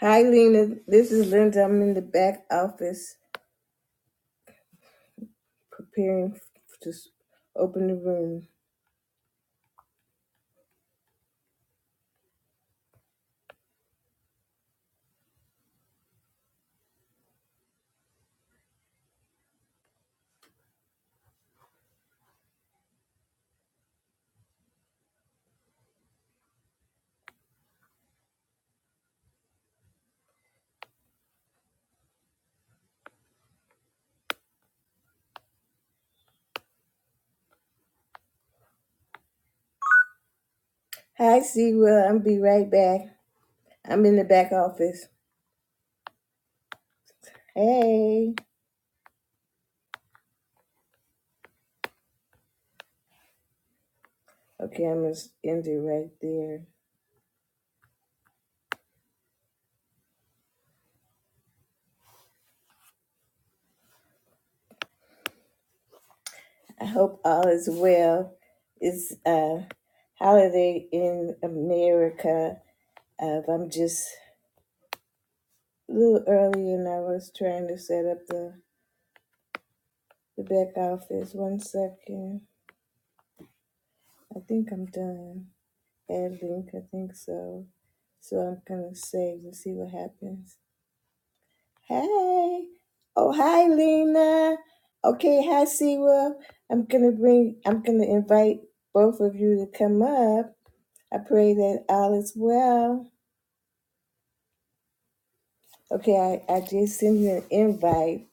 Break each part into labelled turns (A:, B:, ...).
A: Hi, Lena. This is Linda. I'm in the back office preparing f- to s- open the room. Hi, Sewell. I'll be right back. I'm in the back office. Hey. Okay, I'm going to end it right there. I hope all is well. It's a holiday in America. Uh, I'm just a little early and I was trying to set up the, the back office. One second. I think I'm done. I link, I think so. So I'm gonna save and see what happens. Hey, oh hi Lena. Okay, hi Siwa. I'm gonna bring. I'm gonna invite both of you to come up. I pray that all is well. Okay, I, I just sent you an invite.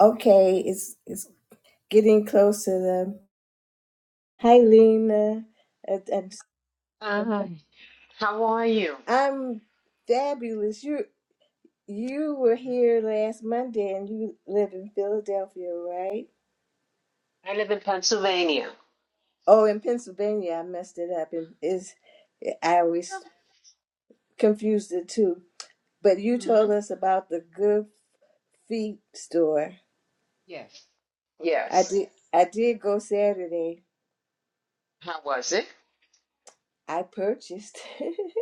A: Okay, it's it's getting close to the. Hi Lena. Uh, I'm
B: Uh, how are you?
A: I'm fabulous. You You were
B: Mhm.
A: here last Monday and you live in Philadelphia, right?
B: I live in Pennsylvania.
A: Oh, in Pennsylvania. I messed it up. And is I always confused the two. But you
B: hmm
A: told us about the Good Feet store.
B: Yes.
A: I
B: Yes.
A: did I did go Saturday.
B: How was it?
A: I purchased.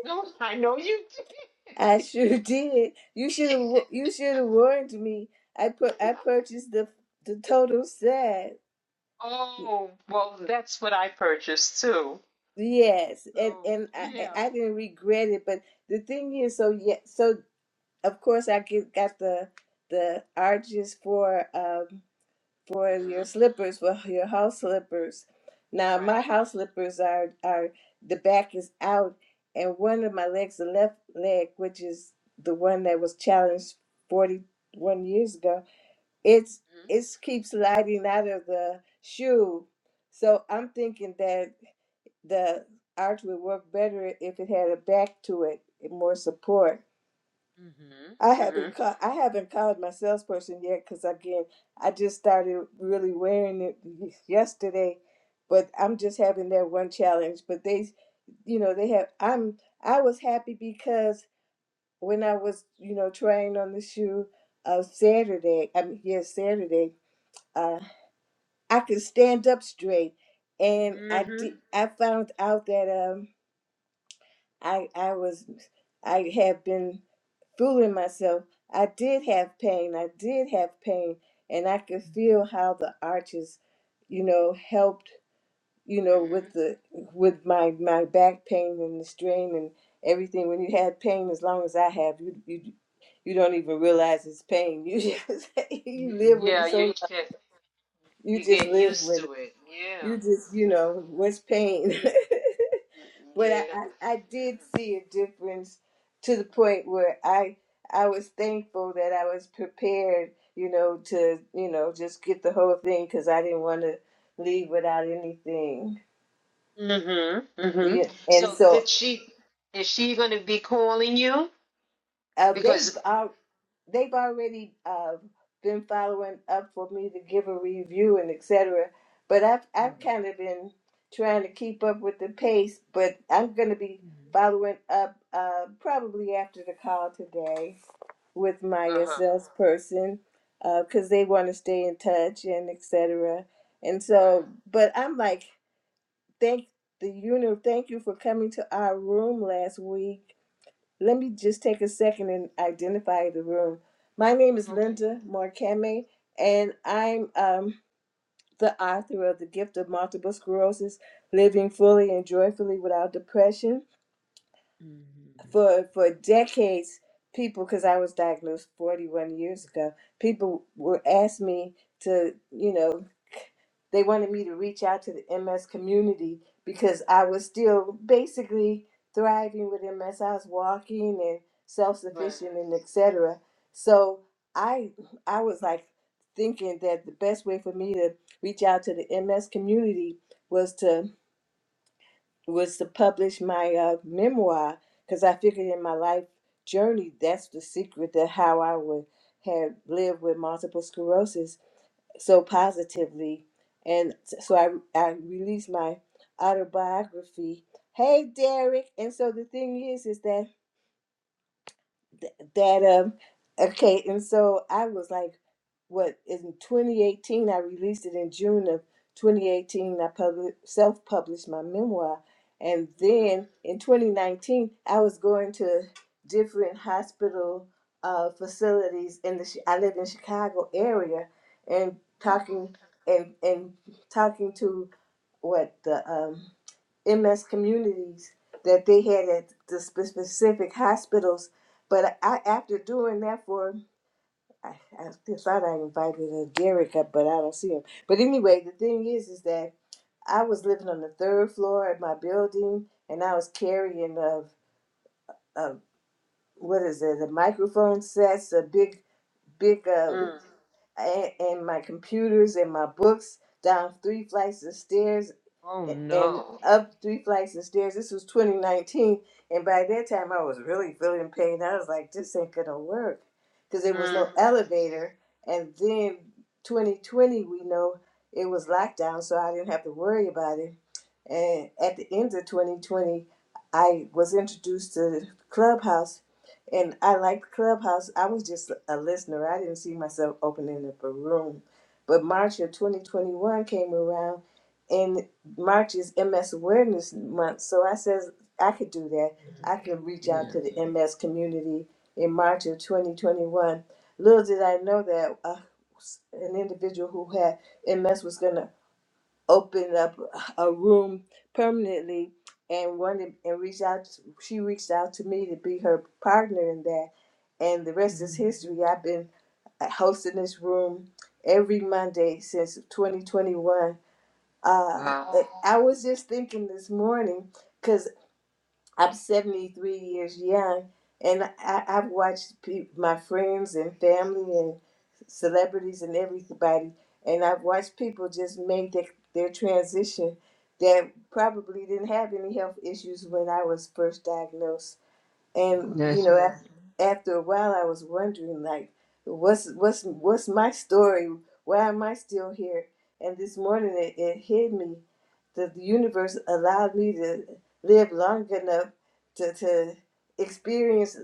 B: No, I know you did.
A: I sure did. You should have you should have warned me. I put I purchased the the total set.
B: Oh, well, that's what I purchased too.
A: Yes, and
B: So,
A: and I I
B: yeah.
A: I didn't regret it, but the thing is, so yeah, so of course I get got the the arches for um for
B: hmm
A: your slippers for your house slippers. Now my
B: Right.
A: house slippers are are the back is out, and one of my legs, the left leg, which is the one that was challenged forty one years ago, it's it's keeps sliding out of the shoe. So I'm thinking that the arch would work better if it had a back to it more support.
B: Mm-hmm.
A: I
B: Mm-hmm.
A: haven't called, I haven't called my salesperson yet because again I just started really wearing it yesterday, but I'm just having that one challenge. But they, you know, they have. I'm I was happy because when I was you know trying on the shoe of Saturday, I mean yes Saturday, uh, I could stand up straight, and I
B: Mm-hmm.
A: did. I found out that um I I was I have been fooling myself. I did have pain. I did have pain, and I could feel how the arches, you know, helped. You know,
B: hmm
A: with the with my my back pain and the strain and everything. When you had pain, as long as I have, you you you don't even realize it's pain. You just you live with
B: Yeah,
A: it so
B: you
A: long.
B: get
A: You
B: you
A: just
B: get
A: live
B: used
A: with it.
B: to it. Yeah.
A: You just you know
B: Yeah.
A: what's pain.
B: Mm-hmm.
A: but I,
B: Yeah.
A: I, I did
B: Yeah.
A: see a difference to the point where I I was thankful that I was prepared, you know, to you know just get the whole thing because I didn't want to leave without anything.
B: Mm-hmm. Mm-hmm.
A: Yeah, and
B: So
A: so
B: did she is she gonna be calling you?
A: uh, they've
B: Because
A: al- they've already uh, been following up for me to give a review and etc. But I've
B: No.
A: I've kind of been trying to keep up with the pace, but I'm going to be
B: Mm-hmm.
A: following up uh, probably after the call today. with my
B: uh-huh.
A: sales person because they want to stay in touch and etc. And so,
B: Right.
A: but I'm like, thank the universe, thank you for coming to our room last week. Let me just take a second and identify the room. My name is
B: Okay.
A: Linda Morkame, and I'm um, the author of The Gift of Multiple Sclerosis Living Fully and Joyfully Without Depression.
B: Mm-hmm.
A: for for decades people because i was diagnosed 41 years ago people were asked me to you know they wanted me to reach out to the ms community because i was still basically thriving with ms i was walking and
B: Right.
A: self-sufficient and etc so i i was like thinking that the best way for me to reach out to the ms community was to was to publish my uh, memoir because I figured in my life journey that's the secret that how I would have lived with multiple sclerosis so positively. And so I, I released my autobiography. Hey, Derek. And so the thing is, is that th- that um okay and so i was like what in 2018 i released it in june of 2018 i published self-published my memoir and
B: Mm-hmm.
A: then in 2019 i was going to different hospital uh, facilities in the Chi- i live in chicago area and
B: Mm.
A: talking and and talking to what the um, MS communities that they had at the spe- specific hospitals. But I, after doing that for, I, I thought I invited uh, Derek up, but I don't see him. But anyway, the thing is, is that I was living on the third floor of my building, and I was carrying a, a what is it, a microphone sets, a big, big, uh,
B: Mm.
A: and, and my computers and my books down three flights of stairs
B: Oh
A: and and
B: no.
A: up three flights of stairs. This was 2019, and by that time I was really feeling pain. I was like, this ain't gonna work because there was no
B: Mm-hmm.
A: elevator. And then 2020, we know it was lockdown, so I didn't have to worry about it. And at the end of 2020, I was introduced to Clubhouse, and I liked Clubhouse. I was just a listener. I didn't see myself opening up a room. But March of 2021 came around, and March is MS Awareness Month. So I says I could do that. I
B: Mm-hmm.
A: could reach out
B: Yeah.
A: to the MS community in March of 2021. Little did I know that uh, an individual who had MS was going to opened up a room permanently and wanted and reached out she reached out to me to be her partner in that and the rest
B: Mm-hmm.
A: is history i've been uh, hosting this room every monday since 2021 uh,
B: Wow.
A: i was just thinking this morning because. I'm 73 years young, and I, I've watched pe- my friends and family and celebrities and everybody, and I've watched people just make their, their transition that probably didn't have any health issues when I was first diagnosed. And you
B: That's
A: know,
B: right.
A: af- after a while, I was wondering, like, what's what's what's my story? Why am I still here? And this morning, it, it hit me that the universe allowed me to live long enough to to experience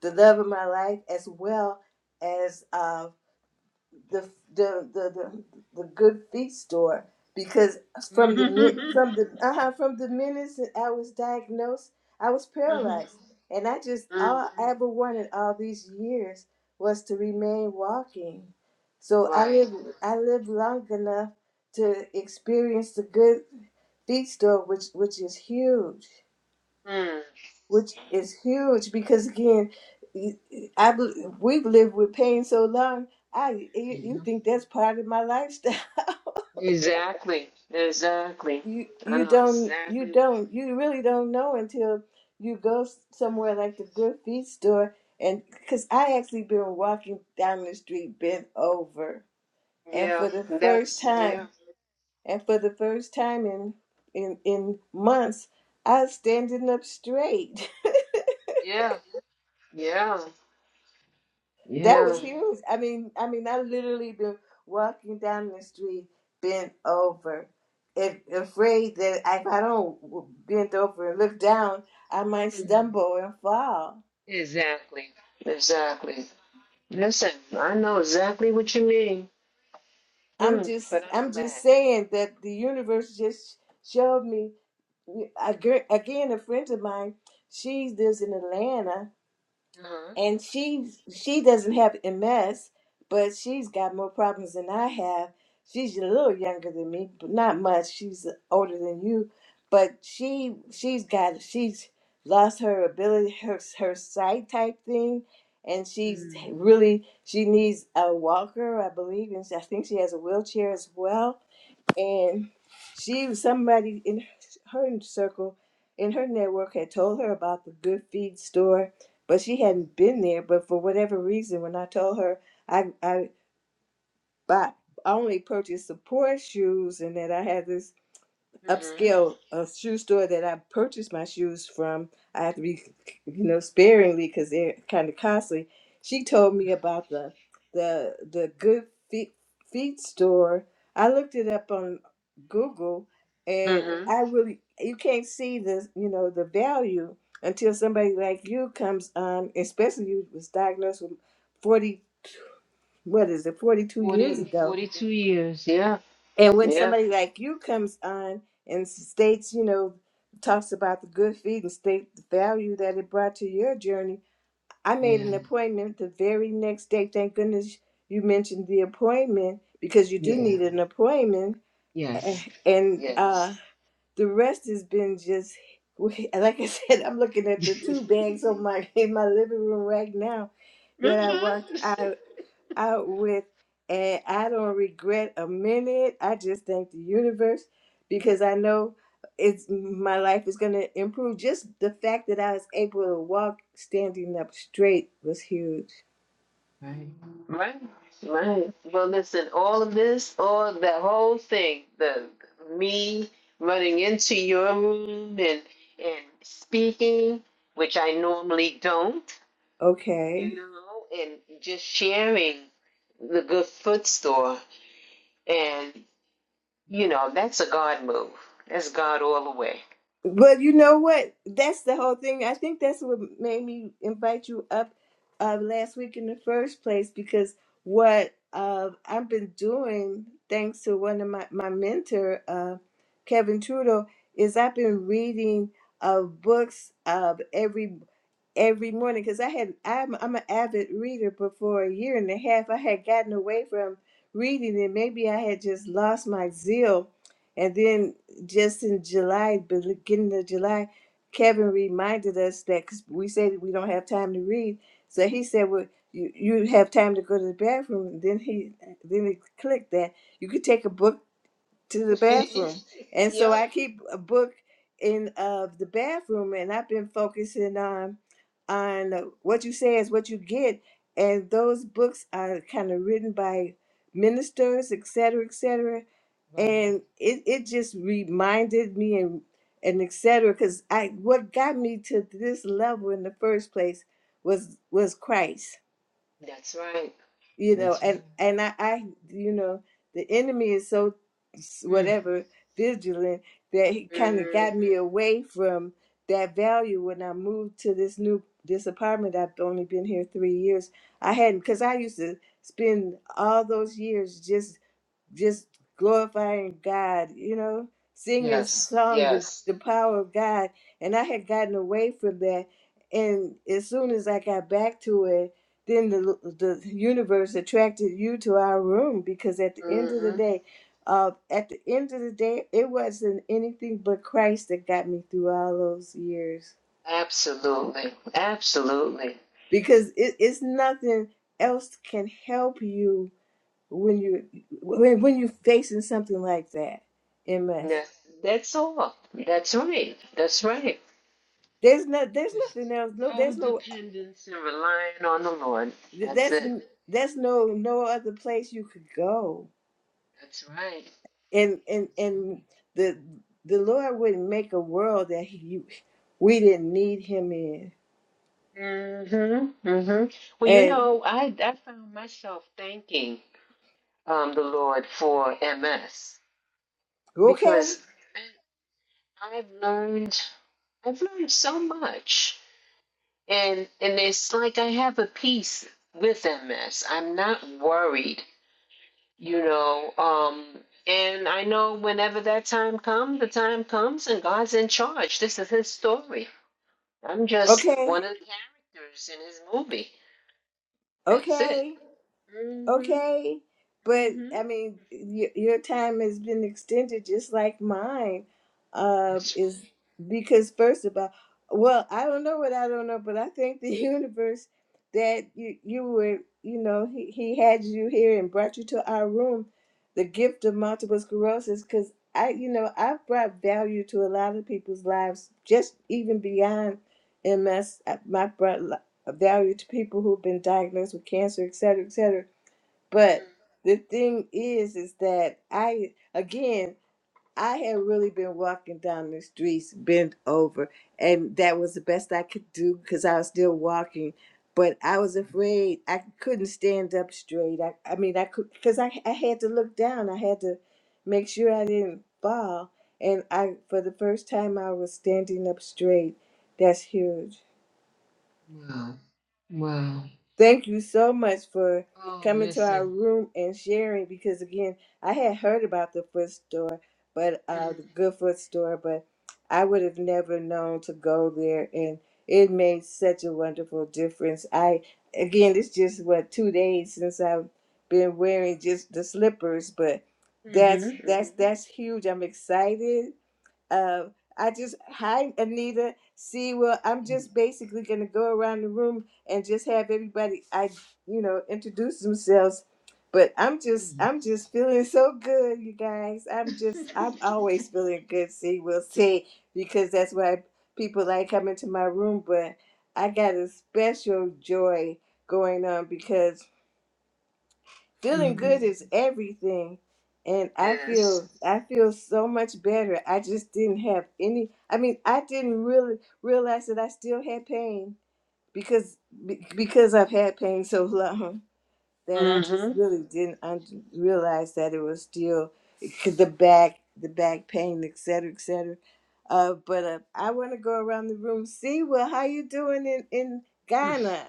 A: the love of my life as well as uh, the the the the, the good feet store because from the
B: Mm-hmm.
A: mi- from the uh from the minute that I was diagnosed, I was
B: Mm-hmm.
A: paralyzed, and I just
B: Mm.
A: all I ever wanted all these years was to remain walking. So I
B: Right.
A: live I lived long enough to experience the good feet store, which which is huge
B: Mm.
A: which is huge because again, you- I bel- we've lived with pain so long. I you you
B: Yeah.
A: think that's part of my lifestyle.
B: Exactly. Exactly.
A: You
B: I
A: you
B: know
A: don't you
B: exactly.
A: don't you really don't know until you go s- somewhere like the Good Feet store and because I actually been walking down the street bent over and
B: Yeah.
A: for the first
B: That's yeah.
A: time and for the first time in in in months I was standing up straight
B: Yeah. Yeah.
A: That
B: Yeah.
A: was huge. I mean, I mean, I literally been walking down the street, bent over, if, afraid that if I don't bend over and look down, I might
B: Mm.
A: stumble and fall.
B: Exactly. Exactly. Listen, I know exactly what you mean.
A: I'm
B: Hmm.
A: just,
B: But I'm
A: I'm just
B: glad.
A: saying that the universe just showed me. a gir- Again, a friend of mine, she lives in Atlanta,
B: Uh-huh.
A: and she she doesn't have MS, but she's got more problems than I have. She's a little younger than me, but not much. She's older than you, but she she's got she's lost her ability her her sight type thing, and she's
B: Mm.
A: really she needs a walker, I believe, and I think she has a wheelchair as well and she somebody in her circle in her network had told her about the good feed store but she hadn't been there but for whatever reason when i told her i i bought I only purchased the poor shoes and that I had this
B: Mm-hmm.
A: upscale uh, shoe store that I purchased my shoes from. I have to be, you know, sparingly because they're kind of costly. She told me about the the the good feet feet store. I looked it up on Google, and
B: Mm-hmm.
A: I really you can't see the you know the value until somebody like you comes on, especially you was diagnosed with forty what is it forty two years
B: 40,
A: ago
B: 42 years. Yeah.
A: and when
B: Yeah.
A: somebody like you comes on and states, you know, talks about the good feed and state the value that it brought to your journey, I made
B: Yeah.
A: an appointment the very next day. Thank goodness you mentioned the appointment because you do
B: Yeah.
A: need an appointment. Eh,
B: Yes.
A: And
B: Yes.
A: uh, the rest has been just, like I said, I'm looking at the two bags on my in my living room right now that I
B: mm-hmm.
A: walked out with. And I don't regret a minute. I just thank the universe because I know it's my life is going to improve. Just the fact that I was able to walk standing up straight was huge.
B: Right. Right. Right. Well, listen, all of this, all that whole thing, the me running into your room and and speaking, which I normally don't,
A: Okay.
B: you know, and just sharing the good food store, and you know, that's a God move. That's God all the way.
A: But you know what? That's the whole thing. I think that's what made me invite you up uh, last week in the first place because what uh, I've been doing, thanks to one of my, my mentor, uh, Kevin Trudeau, is I've been reading uh, books of every every morning because I had I'm I'm an avid reader, but for a year and a half I had gotten away from reading and maybe I had just lost my zeal. And then just in July, beginning of July, Kevin reminded us that 'cause we said we don't have time to read, so he said, "Well, you you have time to go to the bathroom." And then he then it clicked that you could take a book to the bathroom. And so
B: yep.
A: I keep a book in of the bathroom and I've been focusing on on what you say is what you get. And those books are kind of written by ministers, et cetera, et cetera.
B: Right.
A: And it, it just reminded me and and et cetera, because I what got me to this level in the first place was was Christ
B: That's right.
A: you know
B: That's right.
A: and and I, I you know the enemy is so
B: Mm.
A: whatever vigilant that he kind of
B: Mhm.
A: got me away from that value when i moved to this new this apartment i've only been here three years i hadn't because i used to spend all those years just just glorifying God, you know, singing
B: Yes.
A: song, the,
B: Yes.
A: the power of God. And I had gotten away from that. And as soon as I got back to it, then the, the universe attracted you to our room because at the end of the
B: Mm-hmm.
A: day, uh, at the end of the day, it wasn't anything but Christ that got me through all those years
B: Absolutely. Absolutely.
A: because it, it's nothing else can help you when you when, when you're facing something like that in MS.
B: That's, that's all. That's right. That's right.
A: There's not. There's
B: Just
A: nothing else. No.
B: total
A: There's no.
B: dependence and relying on the Lord. That's
A: That's.
B: it.
A: That's no. No other place you could go.
B: That's right.
A: And and
B: That's
A: and the the Lord wouldn't make a world that he we didn't need Him in.
B: right. Mm-hmm. Mm-hmm. Well, you
A: And
B: know, I, I found myself thanking um, the Lord for MS
A: okay,
B: because I- I've learned I've learned so much. and and it's like I have a peace with MS. I'm not worried, you know. Um, and I know whenever that time comes, the time comes, and God's in charge. This is His story. I'm just one
A: okay,
B: of the characters in His movie. That's it.
A: okay.
B: Mhm.
A: okay but
B: Mhm.
A: i mean y- your time has been extended just like mine uh
B: That's
A: is because first of all well i don't know what i don't know but i think the universe that you you were you know he, he had you here and brought you to our room the gift of multiple sclerosis because i you know i've brought value to a lot of people's lives just even beyond ms I- my brought li- value to people who've been diagnosed with cancer et cetera et cetera
B: right.
A: but the thing is, is that I, again, I had really been walking down the streets bent over, and that was the best I could do because I was still walking. But I was
B: Mhm.
A: afraid I couldn't stand up straight. I, I mean, I could, because I, I had to look down. I had to make sure I didn't fall. And I, for the first time, I was standing up straight. That's huge.
B: Wow. Wow.
A: Thank you so much for
B: Oh,
A: coming to our
B: listen.
A: room and sharing because again, I had heard about the foot store, but uh
B: Mhm.
A: the good foot store, but I would have never known to go there and it made such a wonderful difference. I again, it's just what 2 days since I've been wearing just the slippers, but that's that's
B: Mhm.
A: that's huge. I'm excited uh, I just, hi, Anita. See, well, I'm just basically going to go around the room and just have everybody, I, you know, introduce themselves. But I'm just,
B: Mhm.
A: I'm just feeling so good, you guys. I'm just, I'm always feeling good. See, we'll see, because that's why people like coming to my room. But I got a special joy going on because feeling
B: Mhm.
A: good is everything and i
B: Yes.
A: feel i feel so much better i just didn't have any i mean i didn't really realize that i still had pain because be- because i've had pain so long that i just
B: Mm-hmm.
A: really didn't un- realize that it was still 'cause the back the back pain et cetera et cetera uh, but uh, i want to go around the room see well how you doing in, in ghana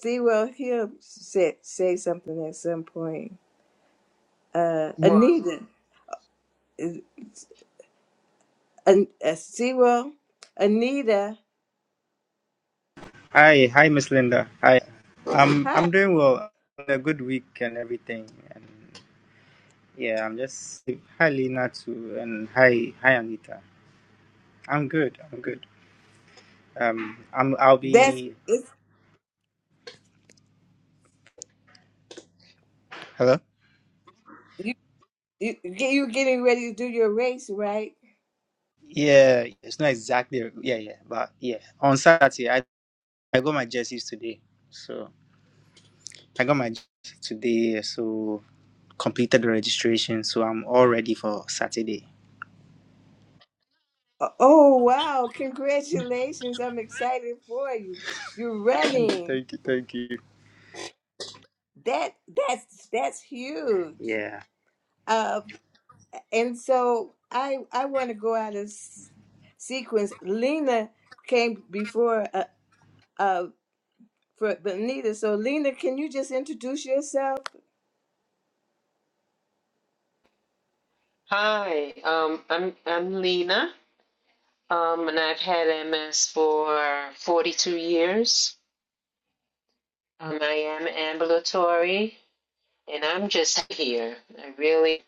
A: see well he'll say, say something at some point uh,
B: Well,
A: Anita, is- An- uh, Zero, Anita.
C: Hi, hi, Miss Linda. Hi. I'm
A: Hi.
C: I'm doing well. A good week and everything. And yeah, I'm just hi Lina too, and hi hi Anita. I'm good. I'm good. Um, I'm I'll
A: That's
C: be
A: it's
C: hello.
A: you. You you getting ready to do your race, right?
C: Yeah, it's not exactly yeah yeah, but yeah. On Saturday, I I got my jerseys today, so I got my jerseys today. So completed the registration, so I'm all ready for Saturday.
A: Uh, Oh wow! Congratulations! I'm excited for you. You're
C: Thank you,
A: running.
C: thank you, thank you.
A: That that's that's huge.
C: Yeah.
A: Uh, and so I I want to go out of s- sequence. Lena came before uh, uh for Benita. So Lena, can you just introduce yourself?
B: hi. Um, I'm I'm Lena. Um, and I've had MS for 42 years. Um, I am ambulatory, and I'm just here. I really,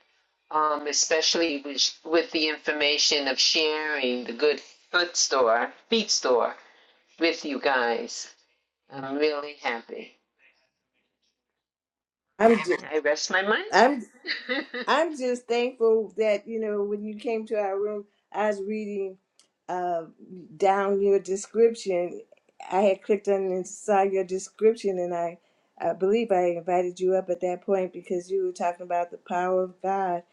B: um, especially with with the information of sharing the good foot store, feet store with you guys. I'm really happy.
A: I'm.
B: I rest my mind.
A: I'm I'm just thankful that you know when you came to our room, I was reading uh, down your description. I had clicked on and saw your description, and I, I believe I invited you up at that point because you were talking about the power of God,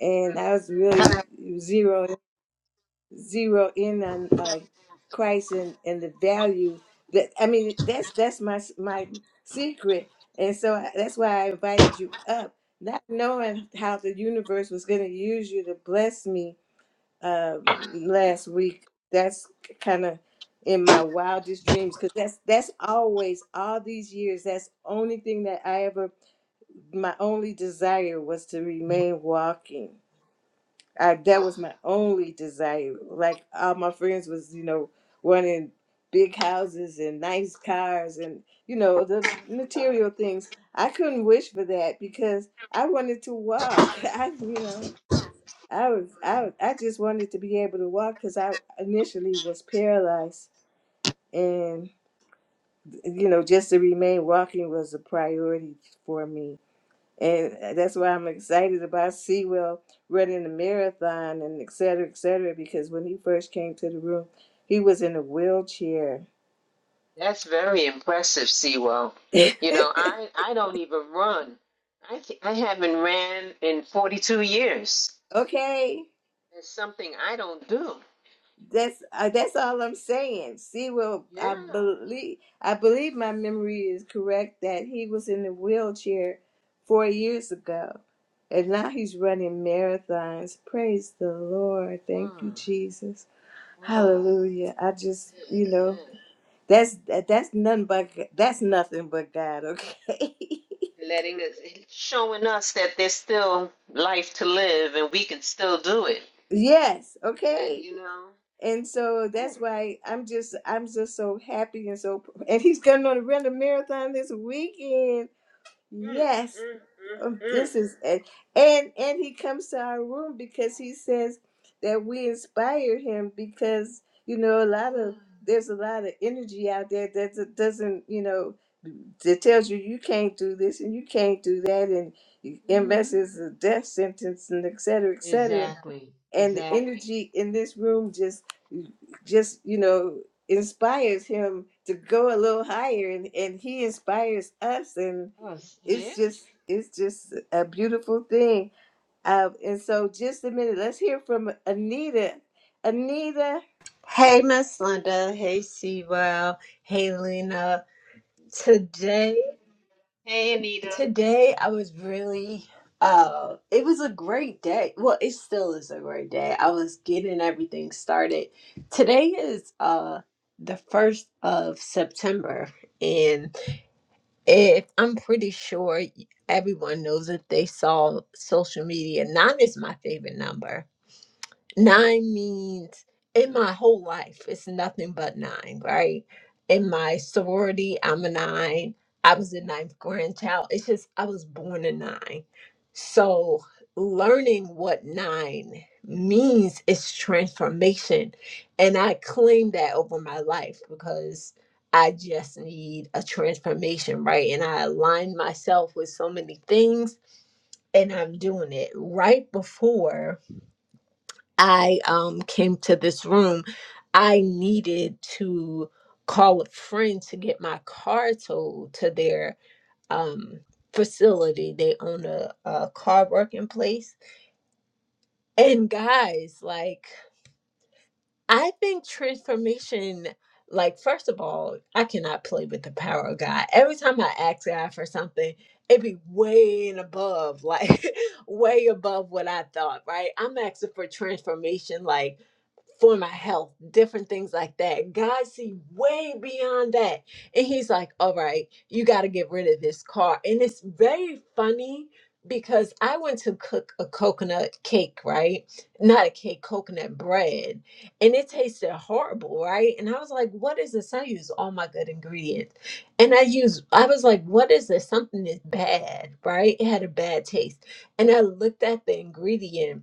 A: and I was really zeroing zero in on uh, Christ and, and the value that I mean that's that's my my secret, and so I, that's why I invited you up, not knowing how the universe was going to use you to bless me uh,
B: wow.
A: last week. That's kind of in my wildest dreams because that's that's always all these years. That's only thing that I ever my only desire was to remain walking I, that
B: Oh.
A: was my only desire. Like all my friends was, you know, wanting big houses and nice cars and you know the
B: Mm.
A: material things. I couldn't wish for that because I wanted to walk. I, you know, I was,
B: right.
A: I, was- I just wanted to be able to walk because I initially was paralyzed, and you know, just to remain walking was a priority for me and uh, that's why I'm excited about Sewell running the marathon and et cetera, et cetera, because when he first came to the room, he was in a wheelchair.
B: That's very impressive, Sewell. You know, I I don't even run. I th- I haven't ran in 42 years.
A: okay.
B: It's something I don't do.
A: That's uh, that's all I'm saying. Sewell,
B: Yeah.
A: I believe I believe my memory is correct that he was in a wheelchair four years ago, and now he's running marathons. Praise the Lord! Thank
B: Wow.
A: you, Jesus.
B: Wow.
A: Hallelujah! I just you know
B: Amen.
A: That's that, that's
B: Mm.
A: nothing but that's nothing but God, okay?
B: Letting us, showing us that there's still life to live and we can still do it.
A: yes,
B: That,
A: okay.
B: you know.
A: And so
B: Ooh.
A: that's why I'm just I'm just so happy and so and he's going to run a marathon this weekend.
B: Mm,
A: Yes.
B: mm,
A: Oh,
B: mm, mm.
A: this is and and and he comes to our room because he says that we inspired him because you know a lot
B: Mm.
A: of there's a lot of energy out there that that doesn't you know that tells you you can't do this and you can't do that and you-
B: Mm-hmm.
A: MS is a death sentence and et cetera et cetera
B: Exactly.
A: and the
B: Exactly.
A: energy in this room just just you know inspires him to go a little higher and and he inspires us
B: Us.
A: it's
B: Yeah.
A: just it's just a beautiful thing. Um, and so just a minute, let's hear from Anita. Anita,
D: Hey, Miss Linda. Hey, Sewell. Hey, Lena. Today,
B: Hey, Anita.
D: today I was really. Uh, it was a great day. Well, it still is a great day. I was getting everything started. Today is uh the first of September, and if I'm pretty sure everyone knows that they saw social media. Nine is my favorite number nine means in my whole life it's nothing but nine right in my sorority i'm a nine i was a ninth grandchild it's just i was born a nine so learning what nine means is transformation and i claim that over my life because i just need a transformation right and i align myself with so many things and i'm doing it right before I um, came to this room, I needed to call a friend to get my car towed to their um, facility. They own a, a car working place. And guys, like, I think transformation, like, first of all, I cannot play with the power of God. Every time I ask God for something, it be way and above, like, way above what I thought, right? I'm asking for transformation, like, for my health, different things like that. God see way beyond that. And he's like, all right, you got to get rid of this car. And it's very funny because I went to cook a coconut cake, right? Not a cake, coconut bread and it tasted horrible, right? And I was like, what is this? I use all my good ingredients. And I use I was like, what is this? Something is bad, right? It had a bad taste. And I looked at the ingredient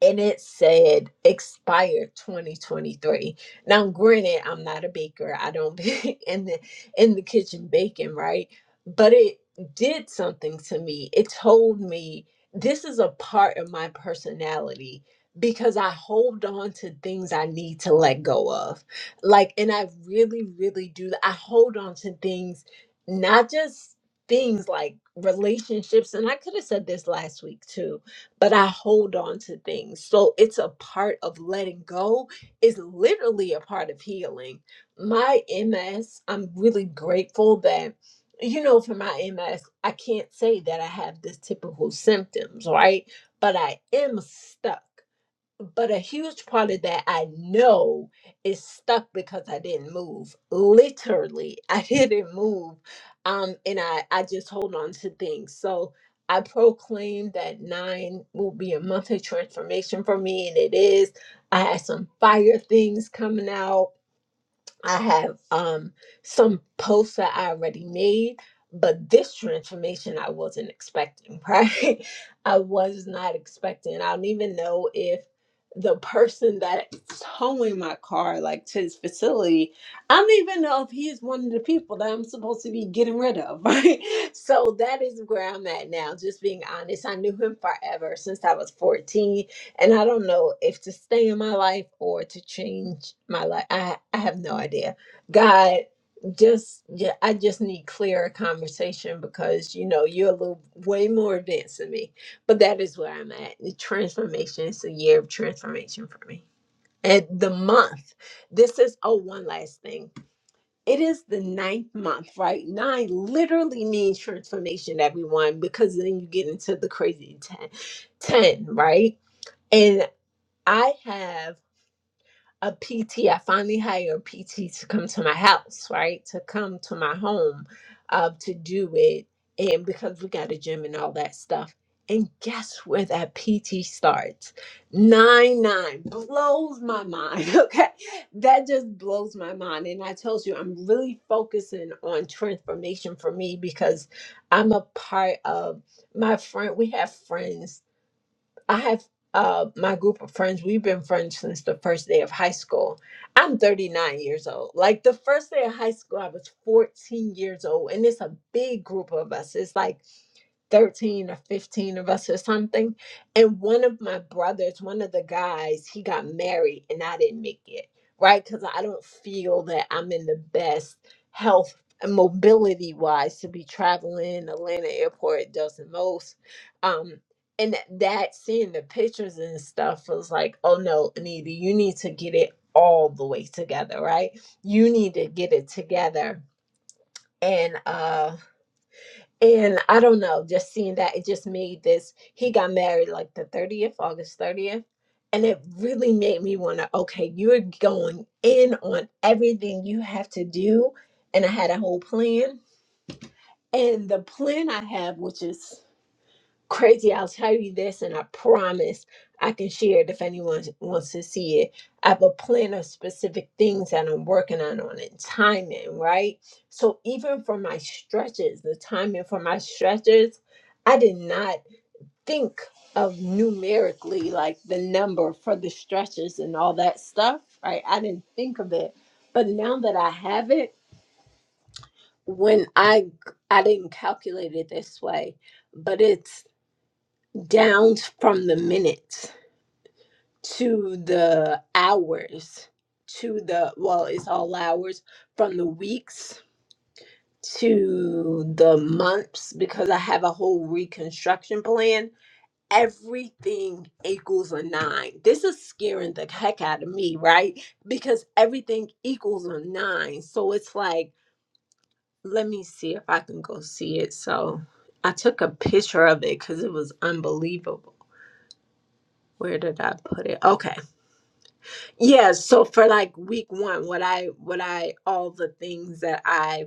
D: and it said expired 2023 now granted i'm not a baker i don't be in the in the kitchen baking right but it did something to me it told me this is a part of my personality because i hold on to things i need to let go of like and i really really do i hold on to things not just things like relationships and i could have said this last week too but I hold on to things. So it's a part of letting go, it's literally a part of healing. My MS, I'm really grateful that, you know, for my MS, I can't say that I have the typical symptoms, right? But I am stuck but a huge part of that I know is stuck because I didn't move. Literally, I didn't move. Um, and I, I just hold on to things. So I proclaim that nine will be a month of transformation for me, and it is. I had some fire things coming out I have um some posts that I already made, but this transformation I wasn't expecting, right? I was not expecting. I don't even know if the person that is towing my car, like to his facility, I don't even know if he's one of the people that I'm supposed to be getting rid of, right? So that is where I'm at now, just being honest. I knew him forever since I was 14 and I don't know if to stay in my life or to change my life. I I have no idea. God, just yeah, I just need clearer conversation because you know you're a little way more advanced than me. But that is where I'm at. The transformation is a year of transformation for me. And the month, this is oh one last thing. It is the ninth month, right? Nine literally means transformation, everyone, because then you get into the crazy ten, ten, right? And I have a PT. I finally hired a PT to come to my house, right? To come to my home uh, to do it. And because we got a gym and all that stuff. And guess where that PT starts? Nine nine blows my mind. Okay. That just blows my mind. And I told you, I'm really focusing on transformation for me because I'm a part of my friend. We have friends I have uh, my group of friends. We've been friends since the first day of high school. I'm 39 years old. Like the first day of high school, I was 14 years old, and it's a big group of us. It's like 13 or 15 of us or something. And one of my brothers, one of the guys, he got married and I didn't make it, right? Because I don't feel that I'm in the best health and mobility wise to be traveling Atlanta airport does the most. Um, and th- that seeing the pictures and stuff was like, oh no, Anita, you need to get it all the way together, right? You need to get it together. And uh and I don't know, just seeing that it just made this. He got married like the 30th, August 30th. And it really made me want to, okay, you're going in on everything you have to do. And I had a whole plan. And the plan I have, which is crazy. I'll tell you this, and I promise I can share it if anyone wants to see it. I have a plan of specific things that I'm working on on it, timing, right? So even for my stretches, the timing for my stretches, I did not think of numerically like the number for the stretches and all that stuff, right? I didn't think of it. But now that I have it, when I I didn't calculate it this way, but it's down from the minutes to the hours to the well it's all hours from the weeks to the months because i have a whole reconstruction plan everything equals a nine this is scaring the heck out of me right because everything equals a nine so it's like let me see if i can go see it so i took a picture of it because it was unbelievable where did i put it okay Yeah, so for like week one, what I what I all the things that I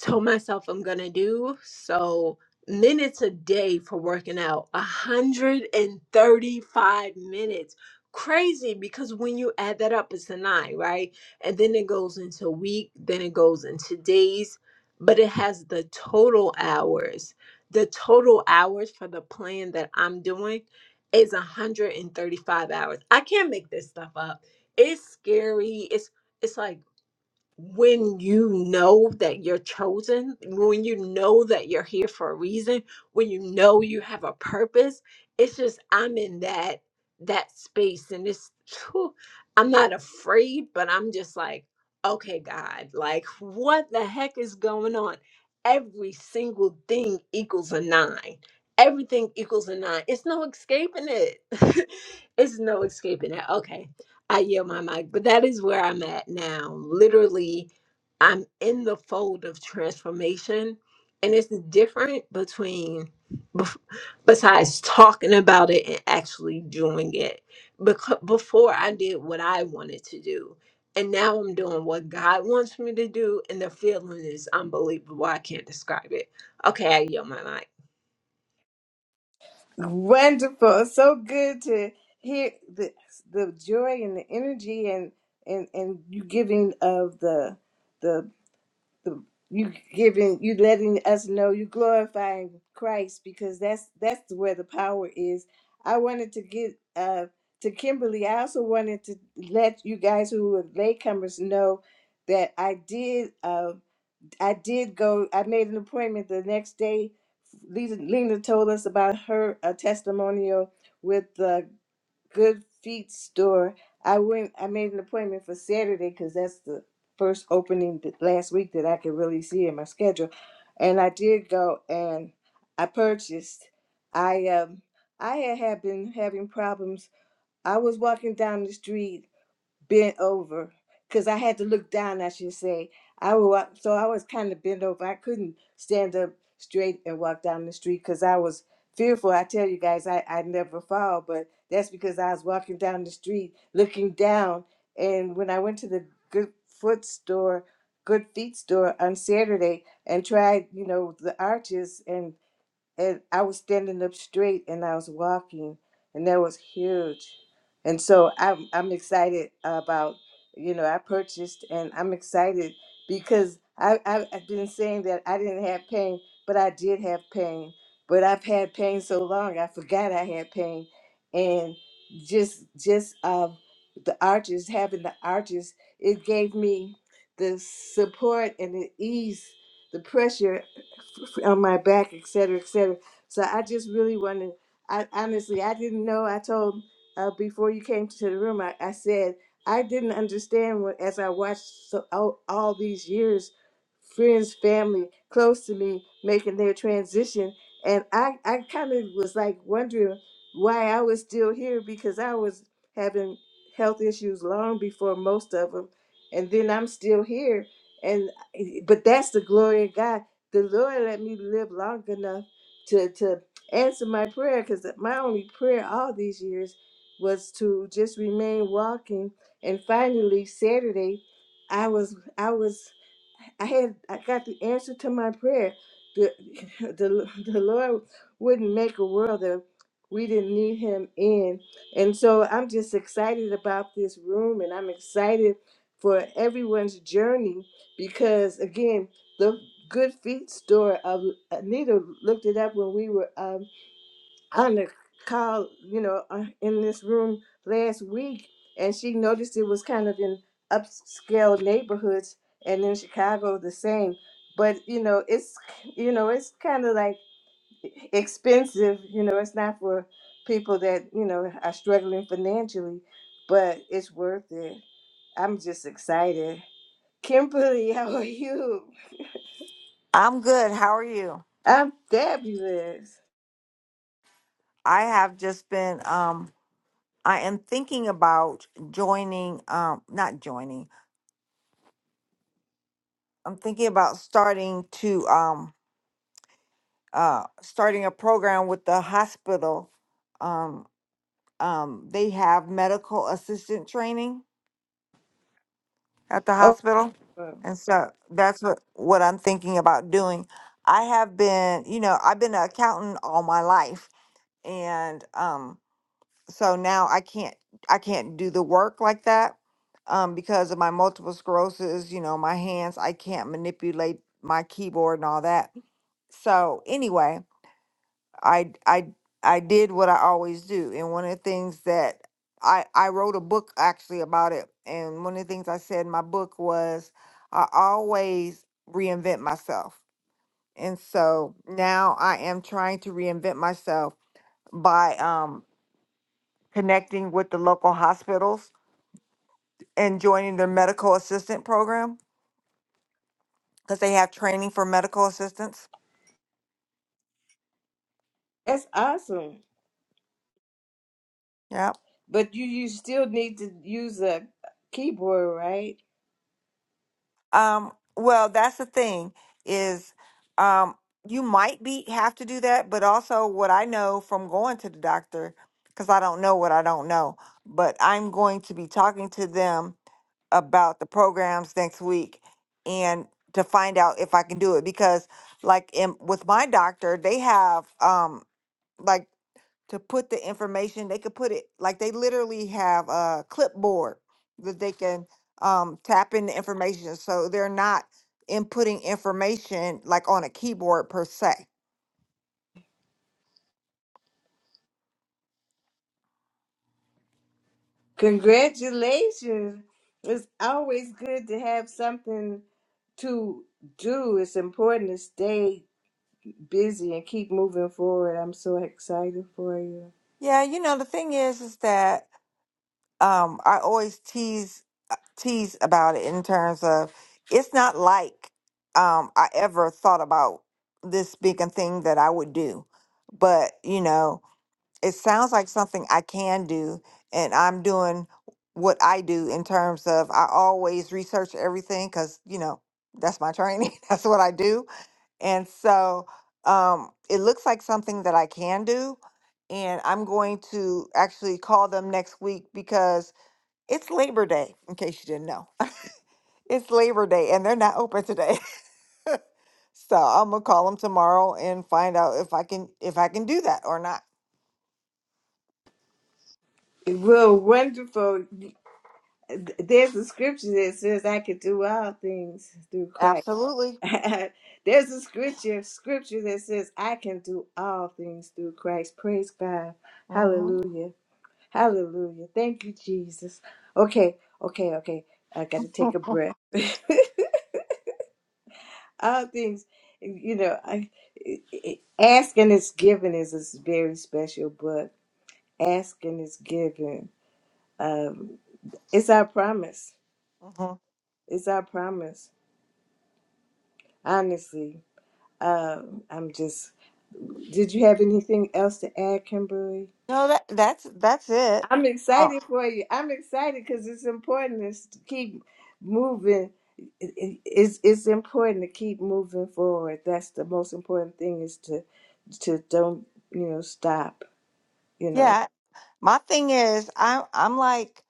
D: told myself I'm gonna do. So minutes a day for working out, 135 minutes. Crazy because when you add that up, it's a nine, right? And then it goes into week, then it goes into days, but it has the total hours. The total hours for the plan that I'm doing is 135 hours. I can't make this stuff up. It's scary. It's it's like when you know that you're chosen, when you know that you're here for a reason, when you know you have a purpose, it's just I'm in that that space and it's phew, I'm not afraid, but I'm just like, okay, God, like what the heck is going on? Every single thing equals a nine. Everything equals a nine. It's no escaping it. it's no escaping it. Okay I yield my mic, but that is where I'm at now. Literally, I'm in the fold of transformation, and it's different between bef- besides talking about it and actually doing it. Because before I did what I wanted to do, and now I'm doing what God wants me to do, and the feeling is unbelievable. I can't describe it. Okay, I yield my mic.
A: wonderful, so good to hear the the joy and the energy and and and you giving of the the the, you giving you letting us know you glorifying Christ because that's that's where the power is. I wanted to get uh to Kimberly. I also wanted to let you guys who are latecomers know that I did uh I did go. I made an appointment the next day. Lisa- Lena told us about her uh, testimonial with Good Feet store. I went. I made an appointment for Saturday because that's the first opening th- last week that I could really see in my schedule, and I did go and I purchased. I um I had had been having problems. I was walking down the street bent over because I had to look down, I should say. I was, so I was kind of bent over. I couldn't stand up straight and walk down the street because I was fearful. I tell you guys, I, I never fall, but that's because I was walking down the street looking down. And when I went to the good foot store, good feet store on Saturday and tried, you know, the arches, and and I was standing up straight and I was walking, and that was huge. And so I'm I'm excited about you know I purchased and I'm excited because I, I I've been saying that I didn't have pain, but I did have pain. But I've had pain so long I forgot I had pain, and just just um the arches having the arches it gave me the support and the ease the pressure f- on my back, et cetera, et cetera. So I just really wanted, I honestly, I didn't know. I told uh, before you came to the room, I, I said, I didn't understand what, as I watched so, all, all these years, friends, family close to me making their transition. And I, I kind of was like wondering why I was still here because I was having health issues long before most of them. And then I'm still here. And but that's the glory of God the Lord let me live long enough to to answer my prayer because my only prayer all these years was to just remain walking. And finally, Saturday, I was I was I had I got the answer to my prayer. The the the Lord wouldn't make a world that we didn't need Him in, and so I'm just excited about this room, and I'm excited for everyone's journey because again the Good Feet store. Um, Anita looked it up when we were um, on the call, you know, uh, in this room last week, and she noticed it was kind of in upscale neighborhoods, and in Chicago the same. But you know, it's you know, it's kind of like expensive. You know, it's not for people that you know are struggling financially, but it's worth it. I'm just excited. Kimberly, how are you?
E: I'm good. How are you?
A: I'm fabulous.
E: I have just been um I am thinking about joining um not joining. I'm thinking about starting to um uh starting a program with the hospital. Um um they have medical assistant training at the
A: Oh,
E: hospital. And so that's what what I'm thinking about doing. I have been, you know, I've been an accountant all my life and um so now I can't I can't do the work like that um, because of my multiple sclerosis. You know, my hands I can't manipulate my keyboard and all that. So anyway, I I I did what I always do, and one of the things that I I wrote a book actually about it, and one of the things I said in my book was I always reinvent myself, and so now I am trying to reinvent myself by um connecting with the local hospitals and joining their medical assistant program because they have training for medical assistants.
A: that's awesome.
E: Yeah.
A: But you, you still need to use a keyboard, right?
E: Um, well, that's the thing is, um, you might be have to do that, but also what I know from going to the doctor, because I don't know what I don't know, but I'm going to be talking to them about the programs next week and to find out if I can do it because like in, with my doctor, they have um like to put the information. They could put it like they literally have a clipboard that they can um, tap in the information. So they're not inputting information like on a keyboard per se.
A: Congratulations. It's always good to have something to do. It's important to stay busy and keep moving forward. I'm so excited for you.
E: Yeah, you know the thing is, is that um, I always tease tease about it in terms of it's not like um, I ever thought about this being a thing that I would do, but you know. it sounds like something I can do, and I'm doing what I do in terms of I always research everything because, you know, that's my training, that's what I do. And so um, it looks like something that I can do. And I'm going to actually call them next week because it's Labor Day, in case you didn't know. It's Labor Day, and they're not open today. so I'm gonna call them tomorrow and find out if I can if I can do that or not.
A: Well, wonderful. There's a scripture that says, I can do all things through Christ.
E: Absolutely.
A: There's a scripture, scripture that says, I can do all things through Christ. Praise God.
E: hmm
A: Hallelujah. Hallelujah. Thank you, Jesus. Okay, okay, okay. I got to take a breath. all things, you know, I, I- I- asking is giving is a very special book. Asking is giving. Um, it's our promise.
E: hmm
A: It's our promise. Honestly, um, I'm just. Did you have anything else to add, Kimberly?
E: No, that that's that's it.
A: I'm
E: Oh.
A: excited for you. I'm excited because it's important is to s- keep moving. It- it- It's it's important to keep moving forward. That's the most important thing is to to don't you know stop. You know.
E: Yeah. My thing is I'm I'm like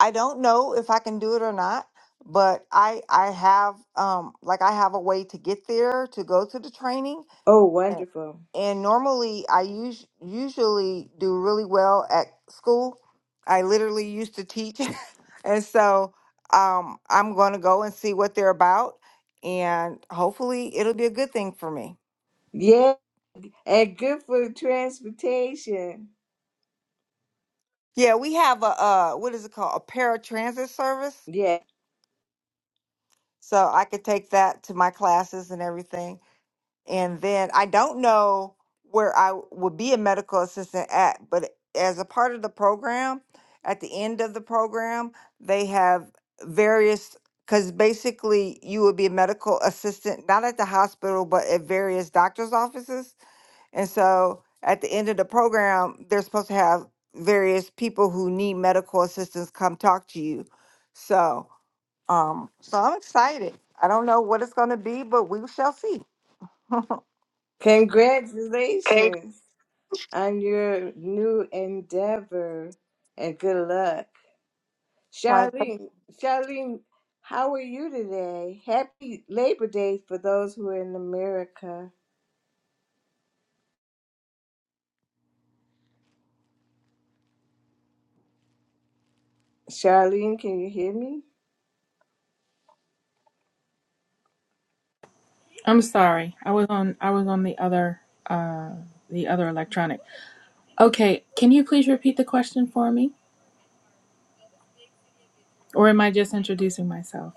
E: I don't know if I can do it or not, but I I have um like I have a way to get there to go to the training.
A: Oh,
E: And
A: wonderful.
E: and normally I us- usually do really well at school. I literally used to teach. and so um I'm going to go and see what they're about and hopefully it'll be a good thing for me.
A: Yeah, and good for transportation.
E: Yeah, we have a uh, what is it called? A paratransit service.
A: Yeah.
E: So I could take that to my classes and everything. And then I don't know where I would be a medical assistant at, but as a part of the program, at the end of the program, they have various because basically you would be a medical assistant not at the hospital but at various doctor's offices and so at the end of the program, they're supposed to have various people who need medical assistance come talk to you. So, um, so I'm excited. I don't know what it's going to be, but we shall see. Hey,
A: Congratulations on your new endeavor and good luck.
E: Like,
A: Charlene, Charlene, how are you today? Happy Labor Day for those who are in America. Charlene, can you hear me?
F: I'm sorry. I was on I was on the other uh the other electronic. Okay, can you please repeat the question for me? Or am I just introducing myself?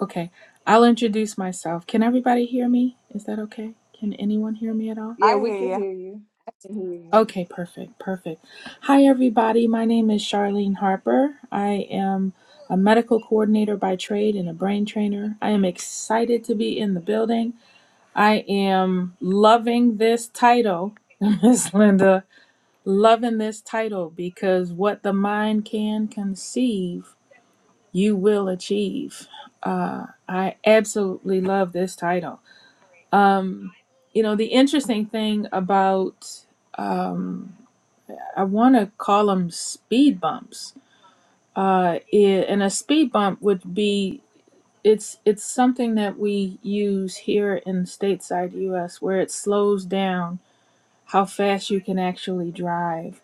F: Okay. I'll introduce myself. Can everybody hear me? Is that okay? Can anyone hear me at all?
A: Yeah,
E: I
A: we
E: hear
A: can
E: you.
A: hear you. I can hear you.
F: Okay, perfect. Perfect. Hi everybody. My name is Charlene Harper. I am a medical coordinator by trade and a brain trainer. I am excited to be in the building. I am loving this title, Miss Linda. Loving this title because what the mind can conceive, you will achieve. Uh, I absolutely love this title. Um, you know, the interesting thing about, um, I want to call them speed bumps. Uh, i- and a speed bump would be it's it's something that we use here in stateside US where it slows down how fast you can actually drive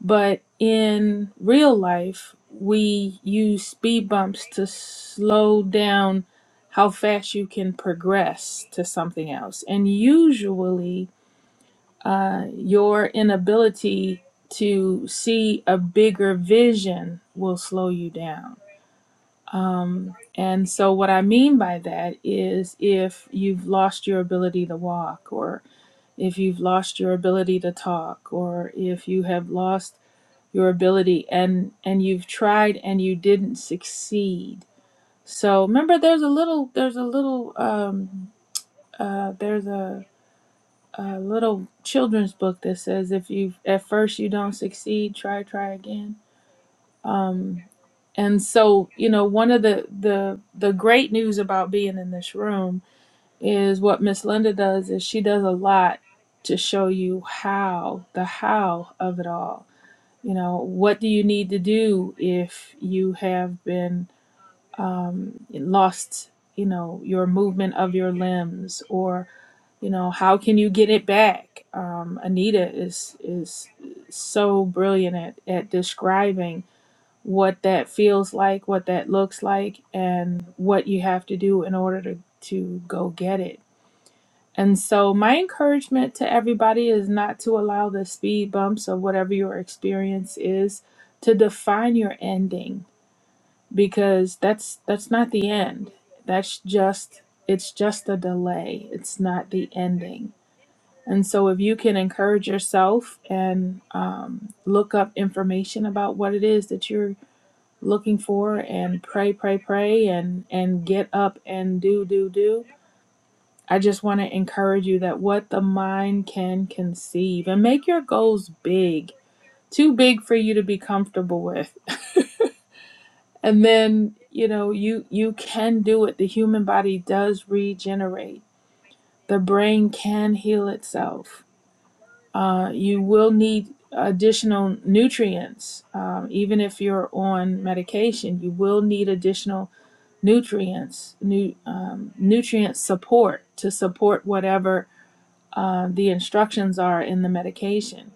F: But in real life, we use speed bumps to slow down how fast you can progress to something else. And usually, uh, your inability to see a bigger vision will slow you down. And so, what I mean by that is if you've lost your ability to walk, or if you've lost your ability to talk, or if you have lost your ability and and you've tried and you didn't succeed so remember there's a little there's a little um uh there's a, a little children's book that says if you at first you don't succeed try try again um and so you know one of the the the great news about being in this room is what miss linda does is she does a lot to show you how the how of it all You know, what do you need to do if you have been um, lost, you know, your movement of your limbs or, you know, how can you get it back? Um, Anita is, is so brilliant at, at describing what that feels like, what that looks like, and what you have to do in order to, to go get it and so, my encouragement to everybody is not to allow the speed bumps of whatever your experience is to define your ending because that's that's not the end. That's just it's just a delay. It's not the ending. And so, if you can encourage yourself and um, look up information about what it is that you're looking for, and pray, pray, pray, and and get up and do, do, do I just want to encourage you that what the mind can conceive and make your goals big, too big for you to be comfortable with. and then, you know, you you can do it. The human body does regenerate. The brain can heal itself. Uh, you will need additional nutrients, um, even if you're on medication. You will need additional nutrients, new um, nutrient support to support whatever uh, the instructions are in the medication.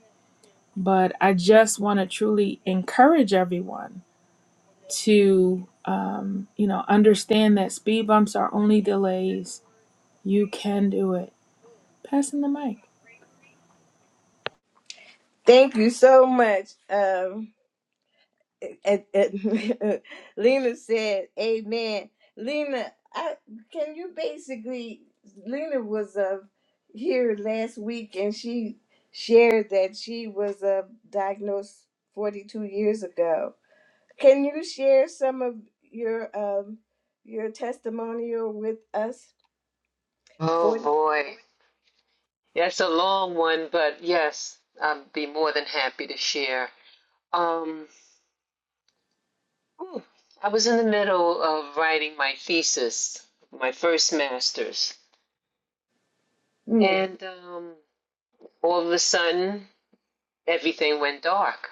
F: But I just want to truly encourage everyone to, um, you know, understand that speed bumps are only delays. You can do it. Passing the mic.
A: Thank you so much. Um, and- and- Lena said, "Amen." Lena, I, can you basically? Lena was uh, here last week, and she shared that she was uh, diagnosed 42 years ago Can you share some of your um your testimonial with us?
B: Oh
A: for?
B: boy, that's a long one, but yes, I'd be more than happy to share. Um, ooh, I was in the middle of writing my thesis, my first master's,
A: Mm,
B: and um, all of a sudden everything went dark,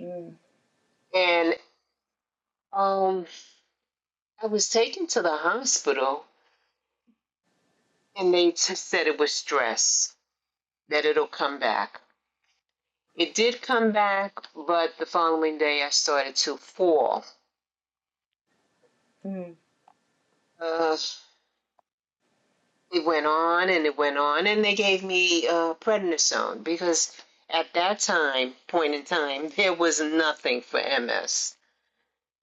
A: mm,
B: and um, I was taken to the hospital, and they t- said it was stress, that it'll come back. It did come back, but the following day I started to fall.
A: mm.
B: Uh, it went on and it went on, and they gave me uh, prednisone because at that time point in time there was nothing for MS,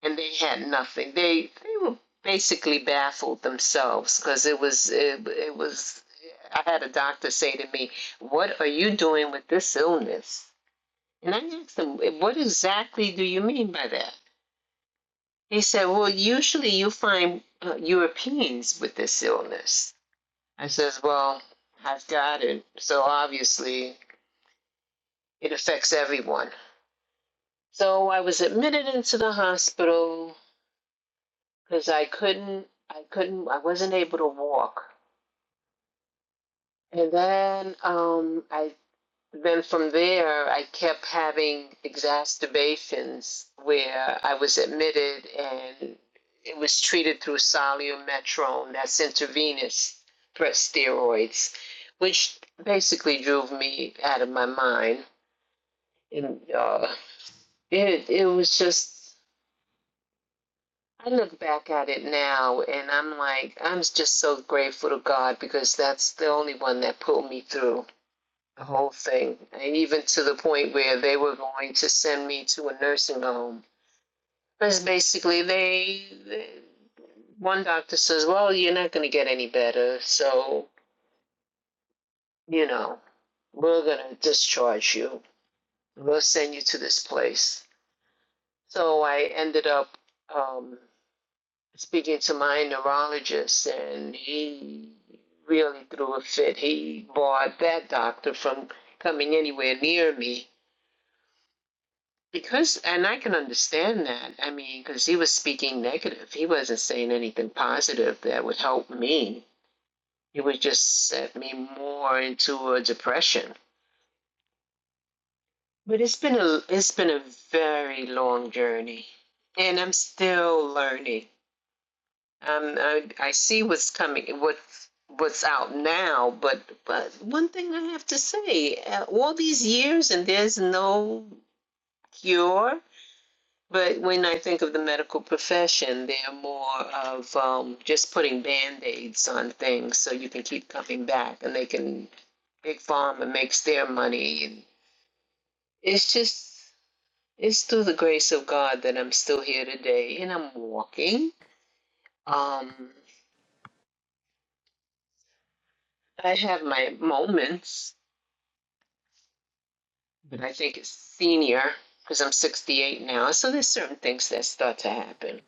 B: and they had nothing. They they were basically baffled themselves because it was it, it was. I had a doctor say to me, "What are you doing with this illness?" And I asked him, "What exactly do you mean by that?" He said, "Well, usually you find uh, Europeans with this illness." I says, Well, I've got it. So obviously, it affects everyone. So I was admitted into the hospital because I couldn't, I couldn't, I wasn't able to walk. And then, um, I, then from there, I kept having exacerbations where I was admitted and it was treated through solumetrone, that's intravenous breast steroids, which basically drove me out of my mind And uh, it it was just I look back at it now and I'm like I'm just so grateful to God because that's the only one that pulled me through the whole thing. And even to the point where they were going to send me to a nursing home. Because basically they, they one doctor says, "Well, you're not going to get any better, so you know, we're going to discharge you. We'll send you to this place." So I ended up um, speaking to my neurologist, and he really threw a fit. He barred that doctor from coming anywhere near me because, and I can understand that. I mean, because he was speaking negative, he wasn't saying anything positive that would help me. It would just set me more into a depression. But it's been a it's been a very long journey, and I'm still learning. Um, I, I see what's coming, what what's out now, but but one thing I have to say, uh, all these years and there's no cure. But when I think of the medical profession, they're more of um, just putting band-aids on things so you can keep coming back, and they can big pharma makes their money, and it's just it's through the grace of God that I'm still here today and I'm walking. Um, I have my moments but I think it's senior because I'm 68 now. So there's certain things that start to happen.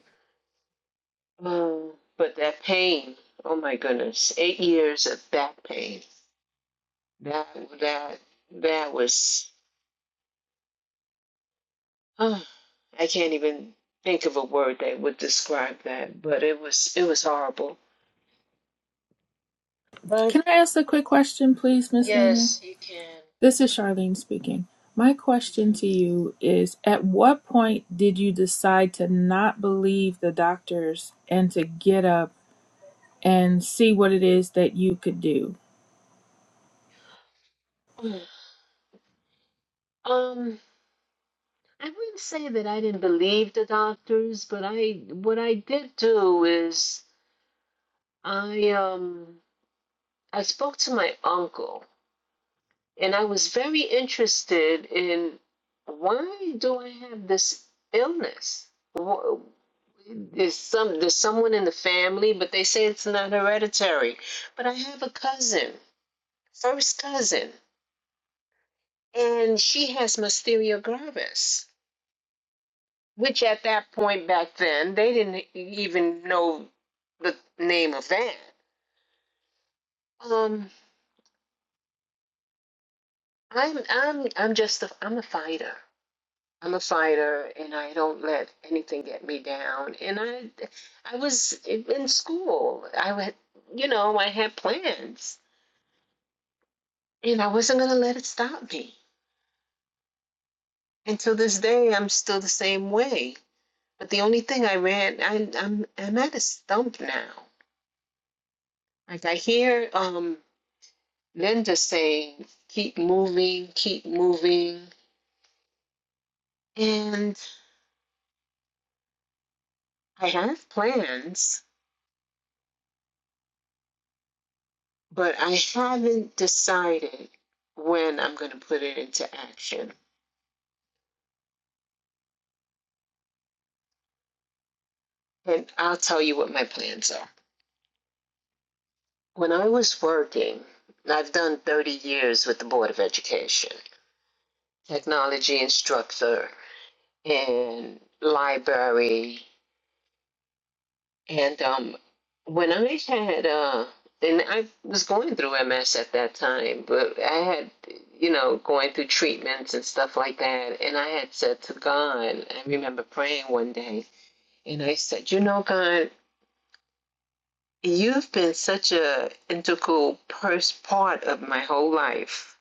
B: Um, but that pain, oh my goodness, eight years of back pain. That that that was. Oh, I can't even think of a word that would describe that, but it was it was horrible. But
F: Can I ask a quick question, please, Miss Lena?
B: yes, you can.
F: This is Charlene speaking. My question to you is At what point did you decide to not believe the doctors and to get up and see what it is that you could do?
B: Mhm. Um, I wouldn't say that I didn't believe the doctors, but I what I did do is I um I spoke to my uncle, and I was very interested in why do I have this illness? Wh- There's some there's someone in the family, but they say it's not hereditary. But I have a cousin, first cousin, and she has Mysteria gravis, which at that point back then they didn't e-, even know the name of that. Um, I'm I'm I'm just a I'm a fighter. I'm a fighter, and I don't let anything get me down. And I, I was in in school. I would, you know, I had plans, and I wasn't gonna let it stop me. And to this day, I'm still the same way. But the only thing I ran, I, I'm, I'm at a stump now. Like I hear um, Linda saying, "Keep moving, keep moving," and I have plans but I haven't decided when I'm going to put it into action. And I'll tell you what my plans are. When I was working, I've done 30 years with the Board of Education, technology instructor, and library. And um, when I had, uh, and I was going through MS at that time, but I had, you know, going through treatments and stuff like that. And I had said to God, I remember praying one day, And I said, You know, God, you've been such a integral pers- part of my whole life.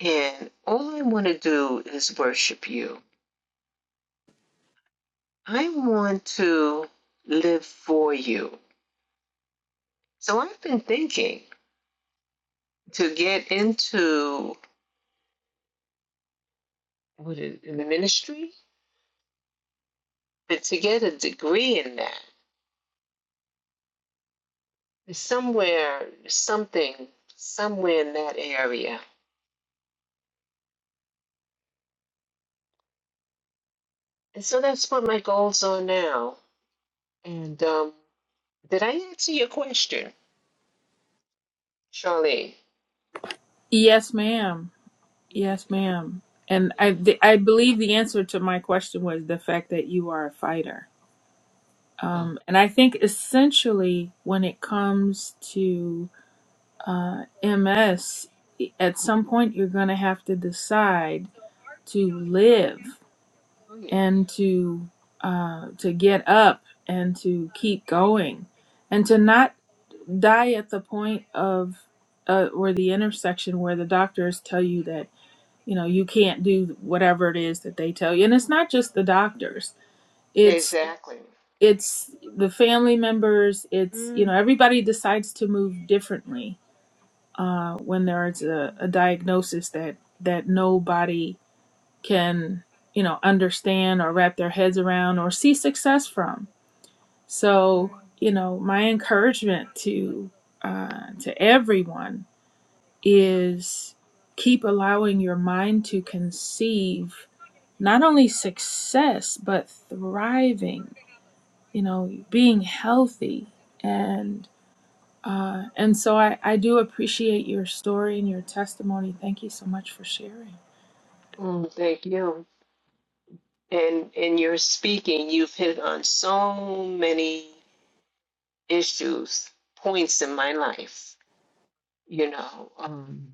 B: And all I want to do is worship you. I want to live for you. So I've been thinking to get into what is in the ministry, but to get a degree in that. Somewhere, something, somewhere in that area. And so that's what my goals are now. And um, did I answer your question? Charlie.
F: Yes, ma'am.
B: Okay.
F: Yes, ma'am. And
B: Yeah.
F: I, th- I believe the answer to my question was the fact that you are a fighter.
B: Oh,
F: Um, and I think
B: okay.
F: essentially when it comes to uh, MS, at some point you're going to have to decide to live
B: Oh yeah.
F: and to uh, to get up and to keep going and to not die at the point of uh, or the intersection where the doctors tell you that you know you can't do whatever it is that they tell you and it's not just the doctors it's
B: Exactly.
F: it's the family members it's you know everybody decides to move differently uh, when there's a, a diagnosis that that nobody can you know understand or wrap their heads around or see success from so you know my encouragement to uh, to everyone is keep allowing your mind to conceive not only success but thriving you know being healthy and uh, and so I, I do appreciate your story and your testimony thank you so much for sharing
B: Mm, thank you. And in your speaking, you've hit on so many issues, points in my life. You know, um,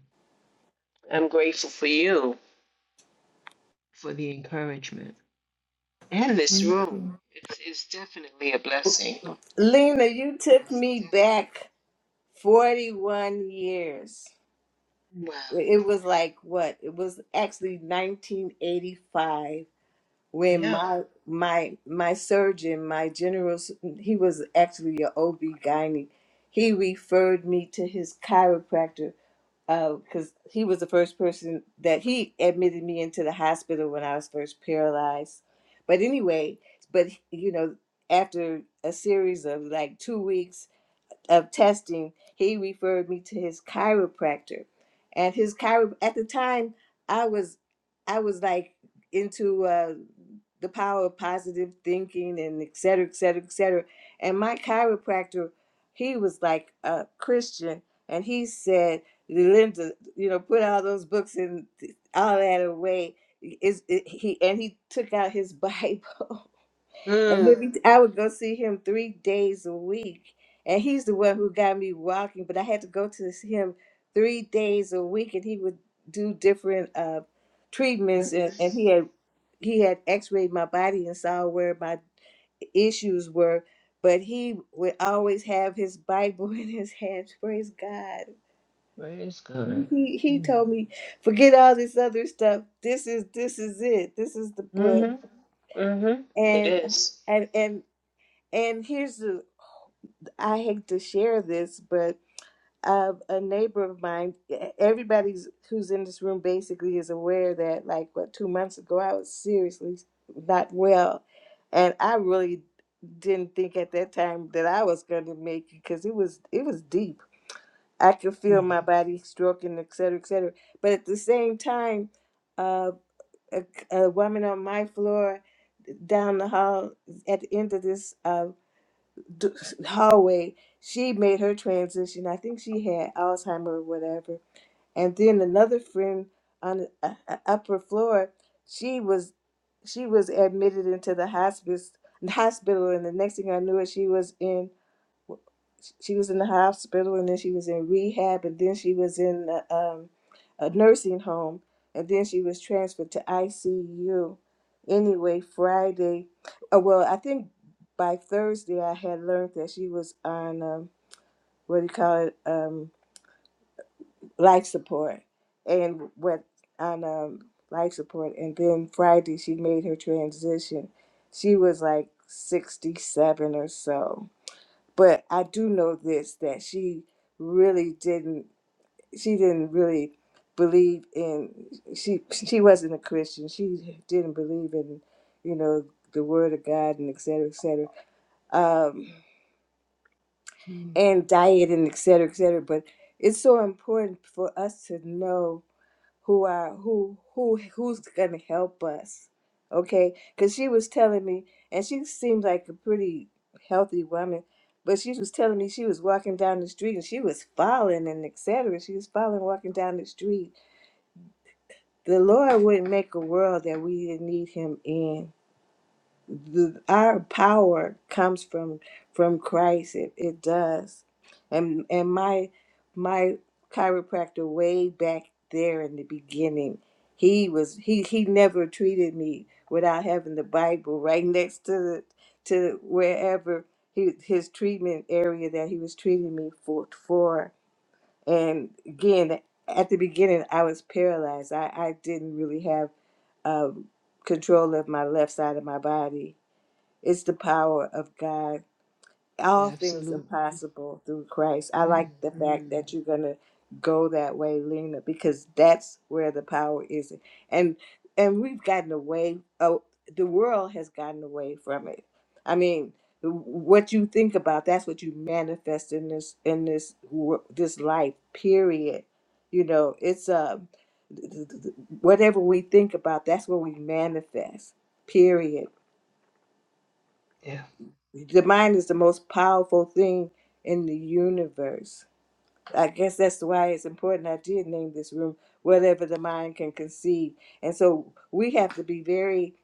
B: I'm grateful for you for the encouragement and this
F: thank
B: room.
F: you
B: It's it's definitely a blessing.
A: Lena, you took
B: It's
A: me
B: definitely
A: back 41 years.
B: wow.
A: It was like what? It was actually 1985 when
B: Yeah.
A: my my my surgeon, my general, s- he was actually a OB gynae. He referred me to his chiropractor because he was the first person that he admitted me into the hospital when I was first paralyzed. But anyway, but you know, after a series of like two weeks of testing, he referred me to his chiropractor. And his chiro at the time I was I was like into uh the power of positive thinking and et cetera, et cetera, et cetera. And my chiropractor, he was like a Christian and he said, Linda, you know, put all those books and all that away. Is it, he and he took out his Bible And
B: Mm.
A: every I would go see him three days a week. And he's the one who got me walking, but I had to go to see him three days a week and he would do different uh
B: hmm
A: treatments and, and he had he had x-rayed my body and saw where my issues were, but he would always have his Bible in his hands. Praise God.
B: Praise God.
A: He he
B: Mm.
A: told me, forget all this other stuff. This is this is it. This is the book.
B: Mm-hmm. Mm-hmm. It
A: And
B: is.
A: and and and here's the I hate to share this, but uh, a neighbor of mine, everybody's who's in this room basically is aware that like what two months ago I was seriously not well, and I really didn't think at that time that I was going to make it because it was it was deep. I could feel my
B: Mm-hmm.
A: body stroking, et cetera, et cetera. But at the same time, uh, a, a woman on my floor down the hall at the end of this. uh, d- hallway, she made her transition. I think she had Alzheimer or whatever. And then another friend on the uh, uh, upper floor, she was she was admitted into the hospice hospital, and the next thing I knew, she was in she was in the hospital and then she was in rehab and then she was in a, um, a nursing home and then she was transferred to ICU. Anyway, Friday, uh, well, I think by Thursday I had learned that she was on um, what do you call it, um, life support, and went on um, life support. And then Friday she made her transition. She was like sixty-seven or so but I do know this that she really didn't she didn't really believe in she she wasn't a Christian. She didn't believe in, you know, the word of God and et cetera, et cetera. Um and diet and et cetera, et cetera. But it's so important for us to know who are who who who's gonna help us okay because she was telling me and she seemed like a pretty healthy woman but she was telling me she was walking down the street and she was falling and etc she was falling walking down the street the lord wouldn't make a world that we didn't need him in the, our power comes from from Christ. It, it does. And and my my chiropractor way back there in the beginning, he was he he never treated me without having the Bible right next to the, to wherever he, his treatment area that he was treating me for for. And again, at the beginning, I was paralyzed. I I didn't really have um, control of my left side of my body it's the power of God.
B: Yeah,
A: All things are
B: absolutely.
A: possible through Christ. I like the
B: Mm-hmm.
A: fact that you're going to go that way, Lena, because that's where the power is. And and we've gotten away. Oh, the world has gotten away from it. I mean, what you think about, that's what you manifest in this in this wor- this life. Period. You know, it's uh, th- th- th- whatever we think about, that's what we manifest. Period
B: Yeah.
A: the mind is the most powerful thing in the universe. I guess that's why it's important I did name this room whatever the mind can conceive. And so we have to be very,